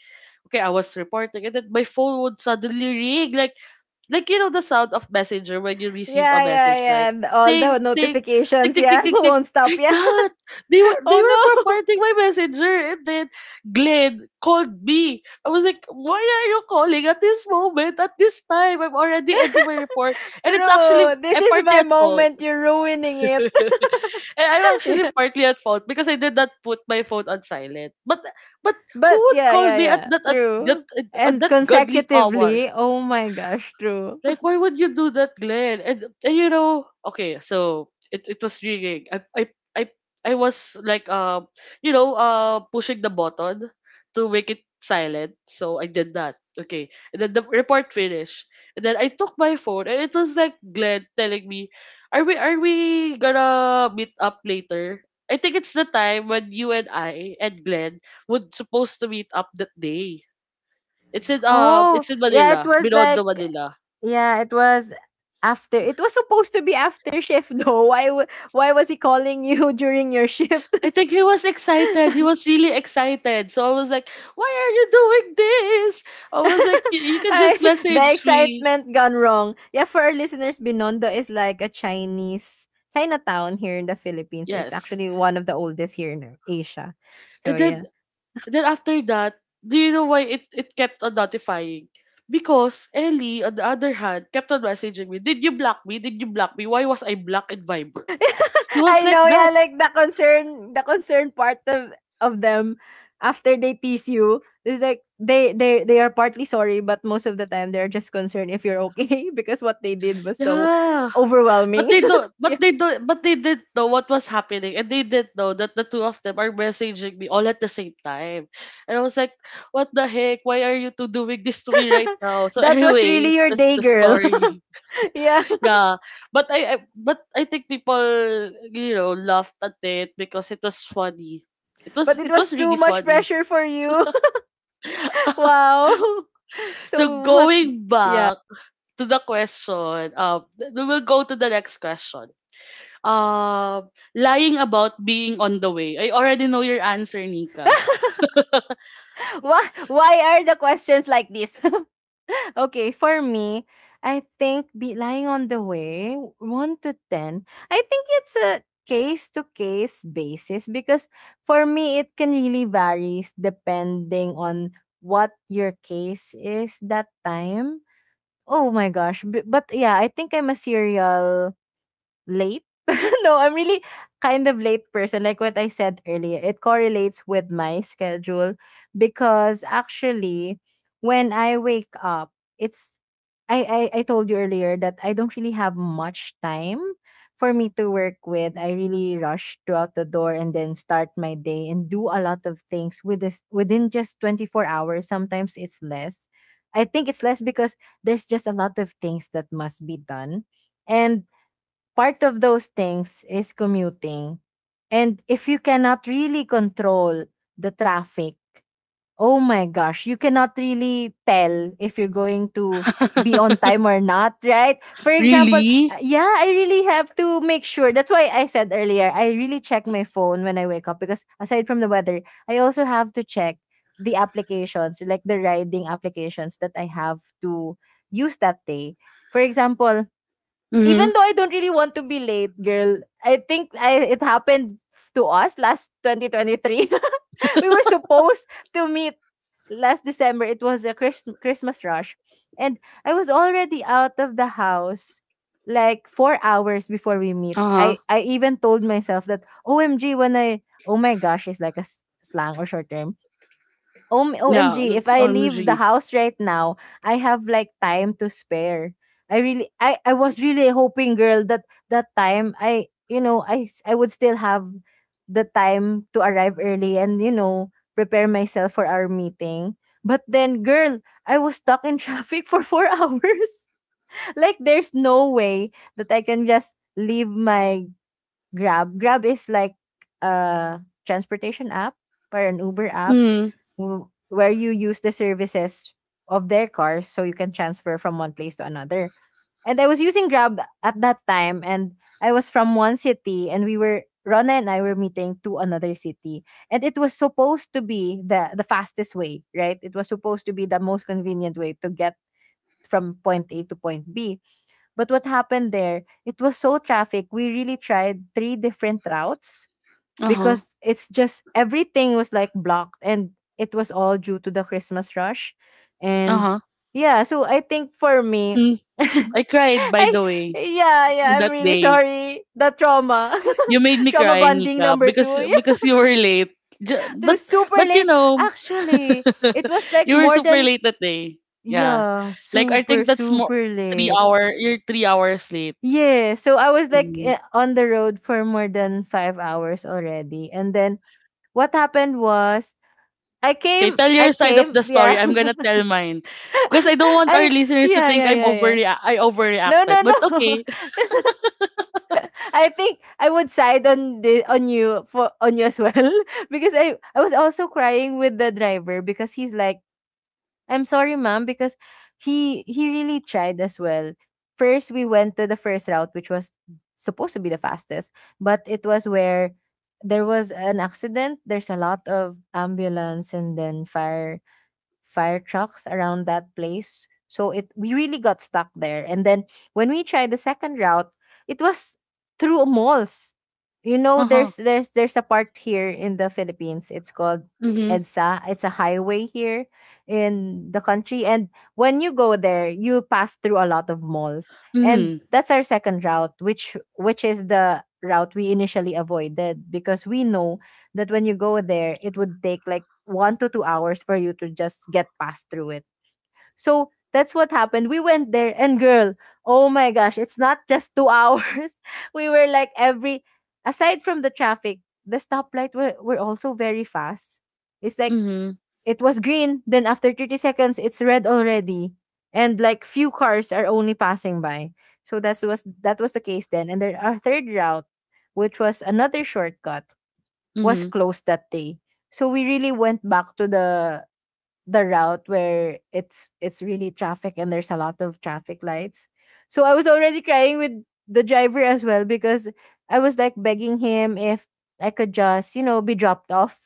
okay, I was reporting, and then my phone would suddenly ring, like you know the sound of messenger when you receive a
Yeah, yeah,
message,
yeah.
right?
And all
Ting
the
ting, tick
notifications,
tick tick
yeah,
tick tick,
won't stop.
like
Yeah.
that, they
Oh
were
no.
bombarding my messenger, and then Glenn called me. I was like, why are you calling at this moment? At this time, I'm already ending my report. And it's actually,
True. This
I'm
is
partly
my
at fault.
moment. You're ruining it.
I- I'm actually partly at fault because I did not put my phone on silent. But who
But
would
yeah,
call
yeah,
me
yeah.
that
True.
at
And
that godly hour?
consecutively, oh my gosh, true.
Like, why would you do that, Glenn? And you know, okay, so it was ringing. I, I was like, you know, pushing the button to make it silent. So I did that. Okay. And then the report finished. And then I took my phone and it was like Glenn telling me, are we gonna meet up later? I think it's the time when you and I and Glenn would supposed to meet up that day.
Oh,
It's in
yeah, it
Manila,
was
Binondo,
like
Manila.
Yeah, it was after it was supposed to be after shift though. Why w- why was he calling you during your shift?
I think he was excited. He was really excited. So I was like, "Why are you doing this?" I was like, "You can
I,
just
the
message me."
excitement gone wrong. Yeah, for our listeners, Binondo is like a Chinese Chinatown here in the Philippines. It's
Yes.
actually one of the oldest here in Asia.
And
So yeah.
then after that, do you know why it kept on notifying? Because Ellie, on the other hand, kept on messaging me. Did you block me? Did you block me? Why was I blocked in Viber? He was
I
like
know, yeah,
that.
like the concern part of them after they tease you is like they are partly sorry, but most of the time they're just concerned if you're okay because what they did was so
Yeah. But
overwhelming.
they don't
Yeah.
but they don't but they didn't know what was happening and they didn't know that the two of them are messaging me all at the same time. And I was like, what the heck? Why are you two doing this to me right now? So
That was really
anyways,
your
that's
day,
the
girl.
story.
Yeah,
Yeah. But I think people, you know, laughed at it because it was funny. It was
but it
it
was
was
too
really
much
funny.
pressure for you. Wow.
So
So what?
going back to the question, we will go to the next question. Uh, lying about being on the way. I already know your answer, Nika.
Why are the questions like this? Okay, for me, I think be lying on the way, 1 to 10, I think it's a case to case basis because for me, it can really varies depending on what your case is that time. Oh my gosh. B- But yeah, I think I'm a serial late. No, I'm really kind of late person. Like what I said earlier, it correlates with my schedule because actually, when I wake up, it's I told you earlier that I don't really have much time for me to work with. I really rush throughout the door and then start my day and do a lot of things with this within just 24 hours. Sometimes it's less. I think it's less because there's just a lot of things that must be done. And part of those things is commuting. And if you cannot really control the traffic, oh my gosh, you cannot really tell if you're going to be on time or not, right? For example,
Really?
yeah, I really have to make sure. That's why I said earlier, I really check my phone when I wake up because aside from the weather, I also have to check the applications, like the riding applications that I have to use that day. For example, even
Mm-hmm.
though I don't really want to be late, girl, it happened to us last 2023. We were supposed to meet last December. It was a Christ- Christmas rush. And I was already out of the house like 4 hours before we meet.
Uh-huh.
I even told myself that, OMG, when I, oh my gosh, it's like a s- slang or short term. Om
Yeah.
OMG,
Mm,
if I leave the
OMG.
house right now, I have like time to spare. I was really hoping, girl, that that time I you know, I s- I would still have the time to arrive early and, you know, prepare myself for our meeting. But then, girl, I was stuck in traffic for 4 hours. Like there's no way that I can just leave my Grab. Grab is like a transportation app or an Uber app
Mm-hmm.
where you use the services of their cars so you can transfer from one place to another. And I was using Grab at that time, and I was from one city and we were Rona and I were meeting to another city. And it was supposed to be the fastest way, right? It was supposed to be the most convenient way to get from point A to point B. But what happened there, it was so traffic. We really tried three different routes
Uh-huh.
because it's just everything was like blocked, and it was all due to the Christmas rush. And
Uh-huh.
yeah, so I think for me,
Mm.
I
I cried, by the way,
yeah, yeah, I'm
that
really
day.
sorry. The trauma.
You made me
Trauma
cry,
bonding
Nika,
number
because
2.
you were late. Ju-
Yeah, through
But
super
but you
late.
know,
Actually, it was like
you were
more
super
than
late that day. Yeah.
yeah,
Like I
super
think that's more
super
three
late.
hour. You're 3 hours late.
Yeah, so I was like,
Mm-hmm.
eh, on the road for more than 5 hours already, and then what happened was
Okay, tell your side of the story.
yeah,
I'm gonna tell mine because I don't want our
I
listeners to
yeah
think
yeah
I'm
yeah yeah.
I
No
overreacted.
no
But
no,
okay.
I think I would side on the on you for on you as well. Because I was also crying with the driver, because he's like, I'm sorry, ma'am, because he really tried as well. First, we went to the first route, which was supposed to be the fastest, but it was where there was an accident. There's a lot of ambulance and then fire trucks around that place. So it we really got stuck there. And then when we tried the second route, it was through malls. You know,
Uh huh.
there's a part here in the Philippines. It's called
Mhm.
EDSA. It's a highway here in the country. And when you go there, you pass through a lot of malls. And
Mhm.
that's our second route, which is the route we initially avoided, because we know that when you go there, it would take like 1 to 2 hours for you to just get past through it. So that's what happened. We went there, and girl, oh my gosh, it's not just 2 hours. We were like every, aside from the traffic, the stoplight were also very fast. It's like
Mhm.
it was green, then after 30 seconds, it's red already. And like few cars are only passing by. So that was the case then. And then our third route, which was another shortcut, was
Mhm.
closed that day. So we really went back to the route where it's really traffic and there's a lot of traffic lights. So I was already crying with the driver as well, because I was like begging him if I could just, you know, be dropped off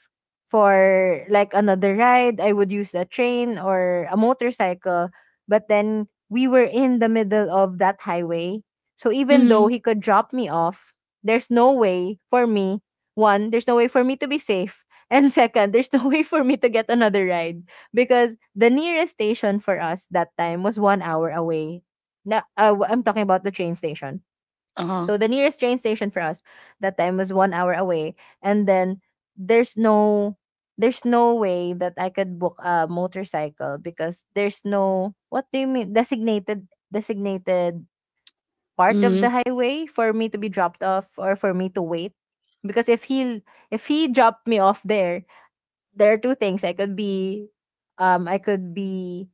for like another ride. I would use a train or a motorcycle. But then we were in the middle of that highway. So even though
Mhm.
he could drop me off, there's no way for me. One, there's no way for me to be safe. And second, there's no way for me to get another ride because the nearest station for us that time was 1 hour away. Now I'm talking about the train station.
Uh
So
huh.
the nearest train station for us that time was 1 hour away, and then there's no way that I could book a motorcycle because there's no, what do you mean, designated part of the
Mhm.
highway for me to be dropped off or for me to wait. Because if he dropped me off there, there are two things. I could be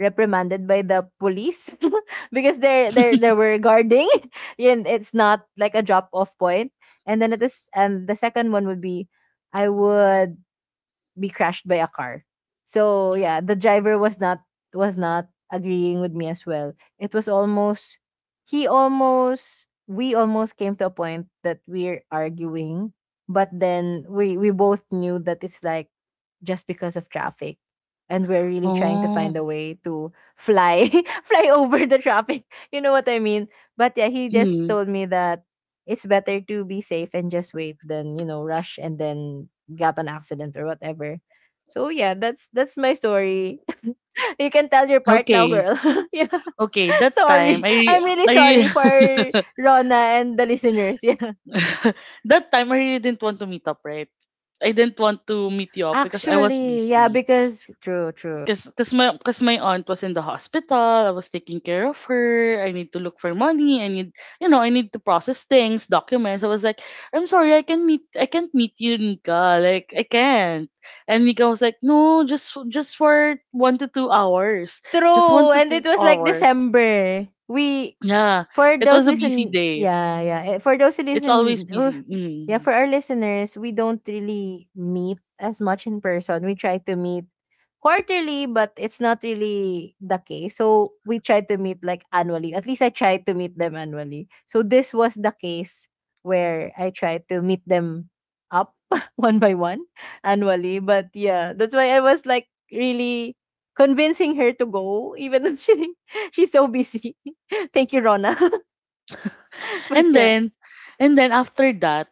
reprimanded by the police because they were guarding and it's not like a drop off point. And the second one would be I would be crashed by a car. So yeah, the driver was not agreeing with me as well. It was almost he almost we almost came to a point that we're arguing, but then we both knew that it's like just because of traffic, and we're really trying to
Oh.
find a way to fly fly over the traffic. You know what I mean? But yeah, he just
Mhm.
told me that it's better to be safe and just wait than, you know, rush and then got an accident or whatever. So yeah, that's my story. You can tell your part now,
Okay.
girl. Yeah.
Okay. That time,
Sorry.
I
I'm really
I
sorry for Rona and the listeners. Yeah.
that time I really didn't want to meet up, right? I didn't want to meet you up because I was
Actually, yeah,
busy.
because true, true.
Cause, cause my aunt was in the hospital. I was taking care of her. I need to look for money. I need, you know, I need to process things, documents. I was like, I'm sorry, I can't meet you, Nika. Like, I can't. And Nika was like, "No, just for 1 to 2 hours, just one
True.
to
And
two
it was like
hours.
December. We
Yeah,
for
it
those
was a busy
listen
day.
yeah, yeah. For those who
It's always
listen who
busy.
yeah,
Mm.
for our listeners, we don't really meet as much in person. We try to meet quarterly, but it's not really the case. So we try to meet like annually. At least I try to meet them annually. So this was the case where I tried to meet them up one by one annually. But yeah, that's why I was like really convincing her to go, even though she she's so busy. Thank you, Rona. But
And
yeah.
then, and then after that,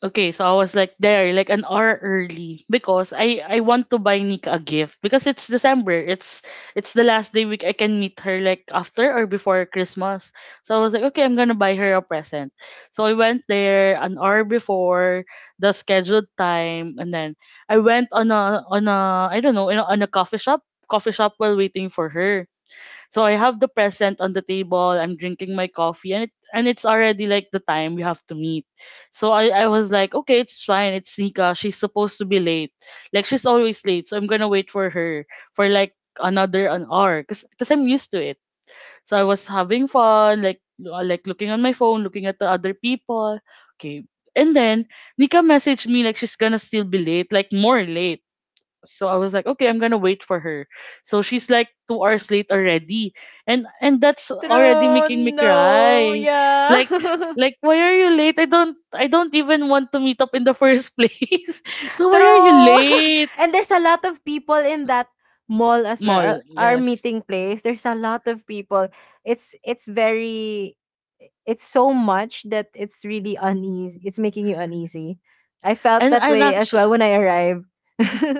okay, so I was like there like an hour early because I want to buy Nika a gift because it's December. It's the last day week I can meet her like after or before Christmas. So I was like, okay, I'm gonna buy her a present. So I went there an hour before the scheduled time, and then I went on a I don't know you know, on a coffee shop while waiting for her. So I have the present on the table. I'm drinking my coffee, and it's already like the time we have to meet. So I was like, okay, it's fine. It's Nika. She's supposed to be late. Like she's always late. So I'm gonna wait for her for like another an hour, cause cause I'm used to it. So I was having fun, like looking on my phone, looking at the other people. Okay. And then Nika messaged me like she's gonna still be late, like more late. So I was like, okay, I'm gonna wait for her. So she's like 2 hours late already, and that's already
True,
making me
no,
cry.
yeah.
Like why are you late? I don't even want to meet up in the first place. So why are you
True.
late?
And there's a lot of people in that mall as well.
Mall?
Our
Yes.
meeting place. There's a lot of people. It's very it's so much that it's really uneasy. It's making you uneasy. I felt that
And
way as
actually,
well when I arrived.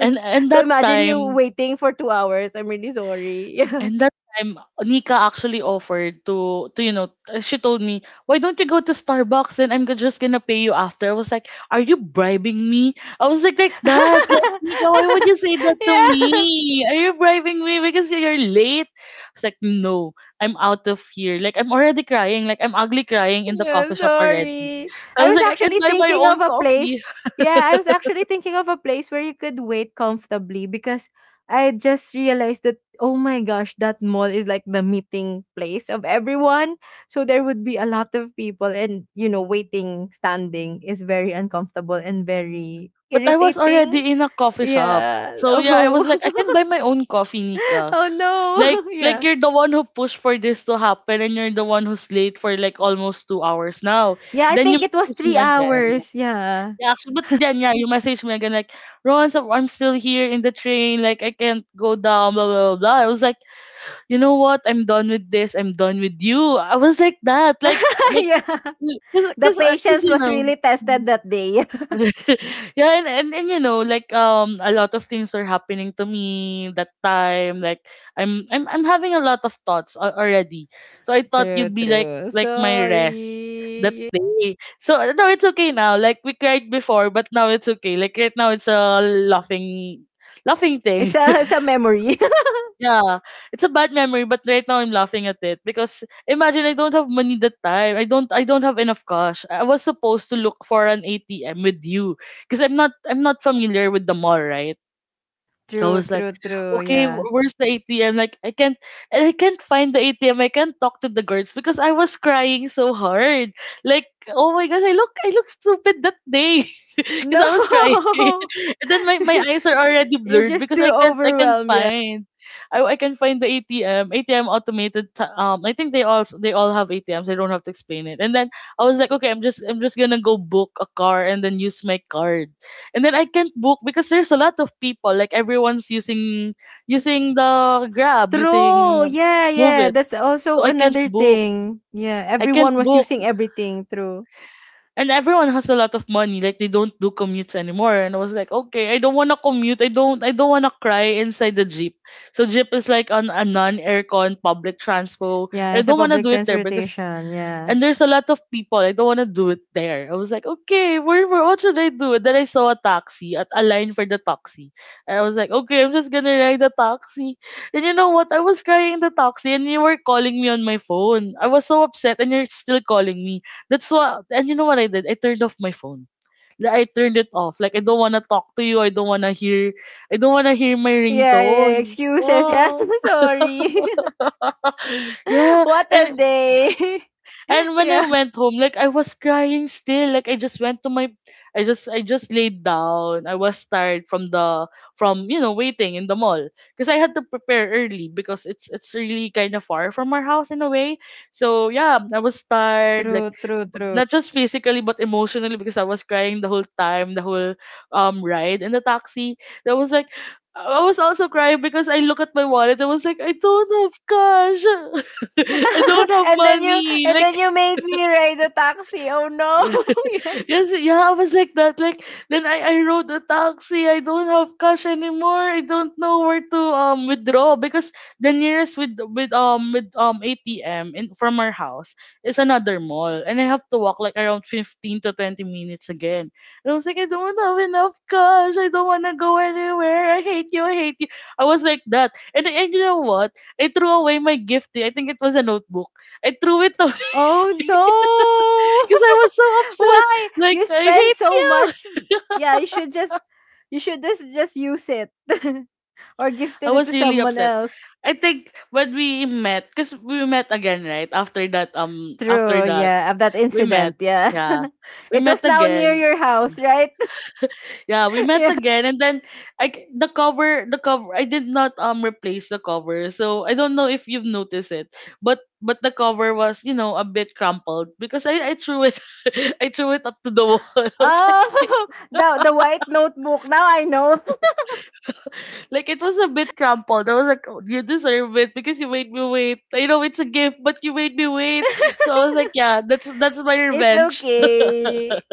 and
So
that
imagine you
time
waiting for 2 hours. I'm really sorry. Yeah.
And that time, Nika actually offered to, you know, she told me, why don't you go to Starbucks? Then just gonna pay you after. I was like, are you bribing me? I was like that. Like, Nika, why would you say that to
Yeah.
me? Are you bribing me because you're late? I was like, no, I'm out of here. Like, I'm already crying. Like, I'm ugly crying in the
Yeah,
coffee shop already.
sorry.
So I
I
was
was
like, I can
actually
buy my
thinking of
own
a
coffee.
place. Yeah, I was actually thinking of a place where you could wait comfortably, because I just realized that oh my gosh, that mall is like the meeting place of everyone. So there would be a lot of people, and, you know, waiting, standing is very uncomfortable and very
But I was
irritating.
already in a coffee shop.
Yeah.
So yeah, I
Oh.
was like, I can buy my own coffee, Nika.
Oh
Like
no. Yeah.
you're the one who pushed for this to happen and you're the one who's late for like almost 2 hours now.
Yeah, I
Then you
think it was
message
3
me again.
hours. Yeah.
Yeah, actually, but then yeah, you message me again like, "Ron, so I'm still here in the train, like I can't go down, blah blah blah. Blah." I was like, you know what? I'm done with this. I'm done with you. I was like that, like,
Yeah.
cause,
The
cause, 'cause,
patience
you
was
know.
really tested that day.
Yeah, and you know, like a lot of things are happening to me that time. Like I'm I'm having a lot of thoughts already. So I thought
True,
you'd be like
true.
my rest that
Sorry.
day. So no, it's okay now. Like we cried before, but now it's okay. Like right now it's a laughing thing.
It's a memory.
Yeah, it's a bad memory, but right now I'm laughing at it because imagine I don't have money that time. I don't have enough cash. I was supposed to look for an ATM with you because I'm not familiar with the mall, right? So I
True,
was like,
true, true.
okay,
Yeah.
where's the ATM? Like I can't, and I can't find the ATM. I can't talk to the guards because I was crying so hard. Like, oh my gosh, I look stupid that day because I was crying,
No!
and then my eyes are already
You're
blurred
just
because
too
I can't
overwhelmed. Yeah.
find, I can find the ATM, ATM automated. I think they all have ATMs. I don't have to explain it. And then I was like, okay, I'm just gonna go book a car and then use my card and then I can't book because there's a lot of people. Like everyone's using the Grab, using
True. Yeah,
Move
yeah.
It.
That's also
So I can't
another
book.
thing. Yeah,
I can't
everyone was
book.
using everything. True.
And everyone has a lot of money. Like they don't do commutes anymore. And I was like, okay, I don't wanna commute. I don't wanna cry inside the Jeep. So Jeep is like on a non aircon public transport.
Yeah,
I
it's a
don't wanna
public
do it there because
transportation. Yeah.
and there's a lot of people. I don't want to do it there. I was like, okay, what should I do? And then I saw a taxi at a line for the taxi. And I was like, okay, I'm just gonna ride the taxi. And you know what? I was crying in the taxi, and you were calling me on my phone. I was so upset, and you're still calling me. That's what. And you know what I did? I turned off my phone. Like, I turned it off. Like I don't wanna talk to you. I don't wanna hear. I don't wanna hear my
Yeah, yeah.
ringtone.
Excuses. Yeah,
Yeah.
sorry.
yeah.
What a
And
day.
and when I
Yeah.
went home, like I was crying still. Like I just went to my I just laid down. I was tired from the you know, waiting in the mall. Because I had to prepare early because it's really kinda far from our house in a way. So yeah, I was tired, like
True, true, true.
not just physically but emotionally because I was crying the whole time, the whole ride in the taxi. I was like I was also crying because I look at my wallet. I was like, I don't have cash. I don't have
And then
money. Like
you made me ride a taxi. Oh no. Yeah.
yes, yeah, I was like that. Like then I rode a taxi. I don't have cash anymore. I don't know where to withdraw because the nearest with ATM in from our house is another mall, and I have to walk like around 15 to 20 minutes again. And I was like, I don't have enough cash. I don't wanna go anywhere. I hate you. I hate you. I was like that, and you know what? I threw away my gift. Eh. I think it was a notebook. I threw it away
Oh no.
because I was so upset.
Why?
Like
You
I
spend
hate
so
you.
much. Yeah, you should just use it or
I
gifted it
was
to
really
someone
upset.
else.
I think when we met, because we met again, right? After that,
True, yeah, of that
we met.
incident, yeah.
Yeah, we
It
met
was now near
again.
your house, right?
Yeah, we met
Yeah.
again, and then the cover, the cover. I did not replace the cover, so I don't know if you've noticed it, but the cover was you know a bit crumpled because I threw it, I threw it up to the wall. I was like,
Oh, the white notebook. Now I know.
Like it was a bit crumpled. I was like, oh, you deserve it because you made me wait. I know it's a gift, but you made me wait. So I was like, yeah, that's my
It's
revenge.
okay.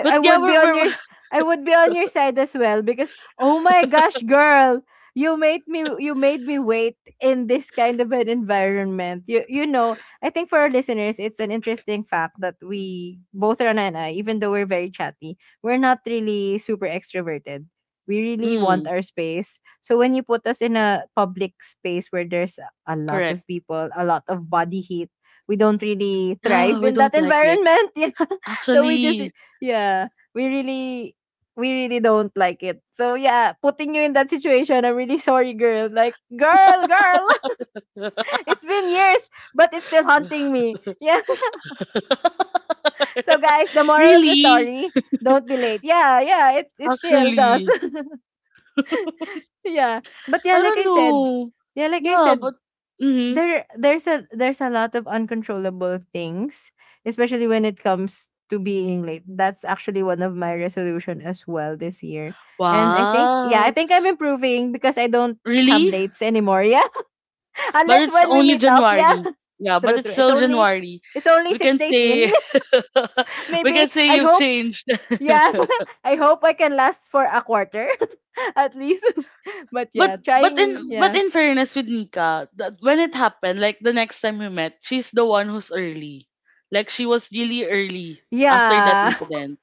But
I
yeah,
would be
we're
on
we're
your s- I would be on your side as well because oh my gosh, girl, you made me wait in this kind of an environment. You know, I think for our listeners, it's an interesting fact that we both, Rana and I, even though we're very chatty, we're not really super extroverted. We really want
mm,
our space. So when you put us in a public space where there's a lot
correct.
of people, a lot of body heat, we don't really
No,
thrive
we
in that
don't like it.
environment. You know? So we just
Actually,
yeah, we really we really don't like it. So yeah, putting you in that situation, I'm really sorry, girl. Like, girl, girl, it's been years, but it's still haunting me. Yeah. So guys, the moral of the
really,
story, don't be late. Yeah, yeah, it still does.
actually,
Yeah. But yeah,
I
like
don't
I said,
know.
yeah, like I
Yeah,
said,
but mm-hmm.
there's a lot of uncontrollable things, especially when it comes to being late. That's actually one of my resolution as well this year. And I think yeah, I
Wow,
think I'm improving because I don't have
really?
lates anymore. Yeah.
But
Unless
it's
when we
only
meet up, yeah.
January. Yeah,
True,
but it's
true. It's
still
only
January. We
six
can
days in.
say we can
Maybe
say
I
you've
hope
changed.
yeah. I hope I can last for a quarter at least. But
But
yeah, trying yeah.
in fairness with Nika, that when it happened, like the next time we met, she's the one who's early. Like she was really early after that
Yeah.
incident.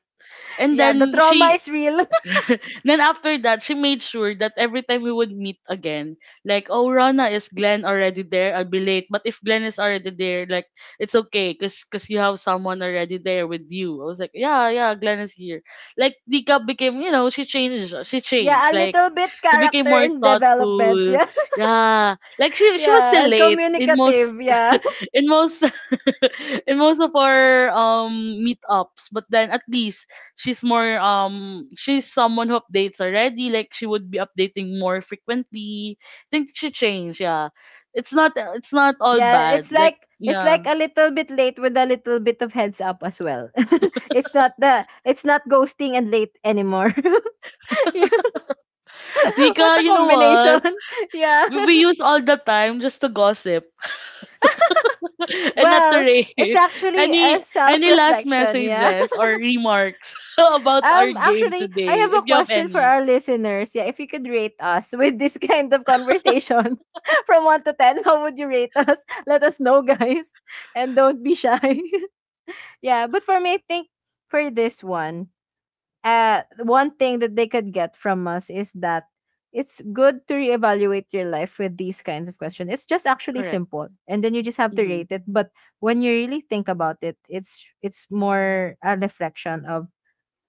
And
Yeah, the
then
trauma
she
is real.
then after that, she made sure that every time we would meet again, like, oh, Rana, is Glenn already there? I'll be late. But if Glenn is already there, like, it's okay because cause 'cause you have someone already there with you. I was like, yeah, yeah, Glenn is here. Like, Dika became, you know, she changed. She
Yeah, a
changed. Like,
little bit
she became
character
more
and development.
thoughtful.
Yeah.
Yeah. Like, she was
Yeah,
still
and
late
communicative. Yeah.
in most in most of our meetups but then at least she's more she's someone who updates already like she would be updating more frequently. I think she changed. Yeah. It's not it's not all
Yeah, it's
bad like
like
yeah.
a little bit late with a little bit of heads up as well. It's not the it's not ghosting and late anymore. Yeah.
Nika
What a
you know what
combination. Yeah.
we use all the time just to gossip and not to
Well, it's
rate
actually a
any last
self-reflection, yeah.
messages or remarks about our game
Actually, I
today
have a
if you have
question for
any.
our listeners. Yeah, if you could rate us with this kind of conversation from 1 to 10, how would you rate us? Let us know, guys. And don't be shy. Yeah, but for me, I think for this one, one thing that they could get from us is that it's good to reevaluate your life with these kinds of questions. It's just actually
Correct.
simple. And then you just have to
Mm-hmm.
rate it. But when you really think about it, it's more a reflection of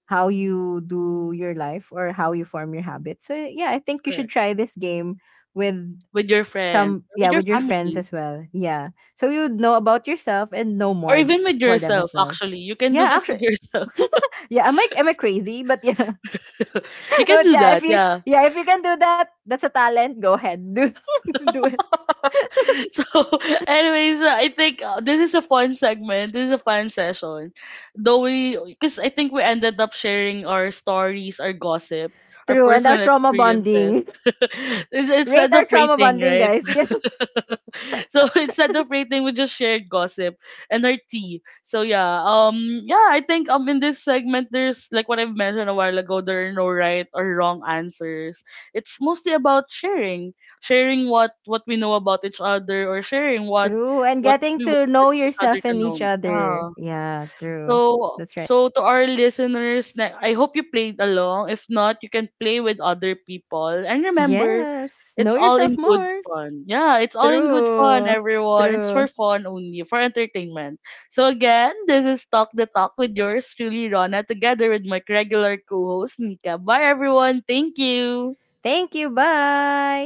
how you do your life or how you form your habits. So yeah, I think you should
Correct.
try this game with
With your friends,
some
or with
yeah,
your
with your friends
family,
as well. Yeah. So you would know about yourself and know
or
more
even with
for them
yourself,
as well.
actually. You can do
Yeah,
this with
actually
yourself.
yeah, am I crazy? But yeah.
You can
But
do
yeah, if
that,
you
yeah.
can do that, that's a talent. Go ahead. Do it.
So, anyways, I think this is a fun segment. This is a fun session. Though we, because I think we ended up sharing our stories, our gossip, our
True. And our
personal
trauma
experiences.
bonding.
It's
Rate
Instead
our
of
trauma
rating,
bonding,
right?
guys. Yeah.
So it's celebrating with just shared gossip and our tea. So yeah, yeah, I think in this segment there's like what I've mentioned a while ago, there are no right or wrong answers. It's mostly about sharing, sharing what we know about each other or sharing
True. And
what
getting
we
to
wanted
know
each other
yourself
to
and
know.
each other.
Yeah.
Yeah, true.
So,
That's right.
so to our listeners, I hope you played along. If not, you can play with other people. And remember,
Yes,
it's
know
all in
yourself
good
more.
fun. Yeah, it's all in good fun,
True,
everyone. It's for
true.
fun only, for entertainment. So again, this is Talk the Talk with yours truly, Rona, together with my regular co-host, Nika. Bye, everyone. Thank you.
Thank you. Bye.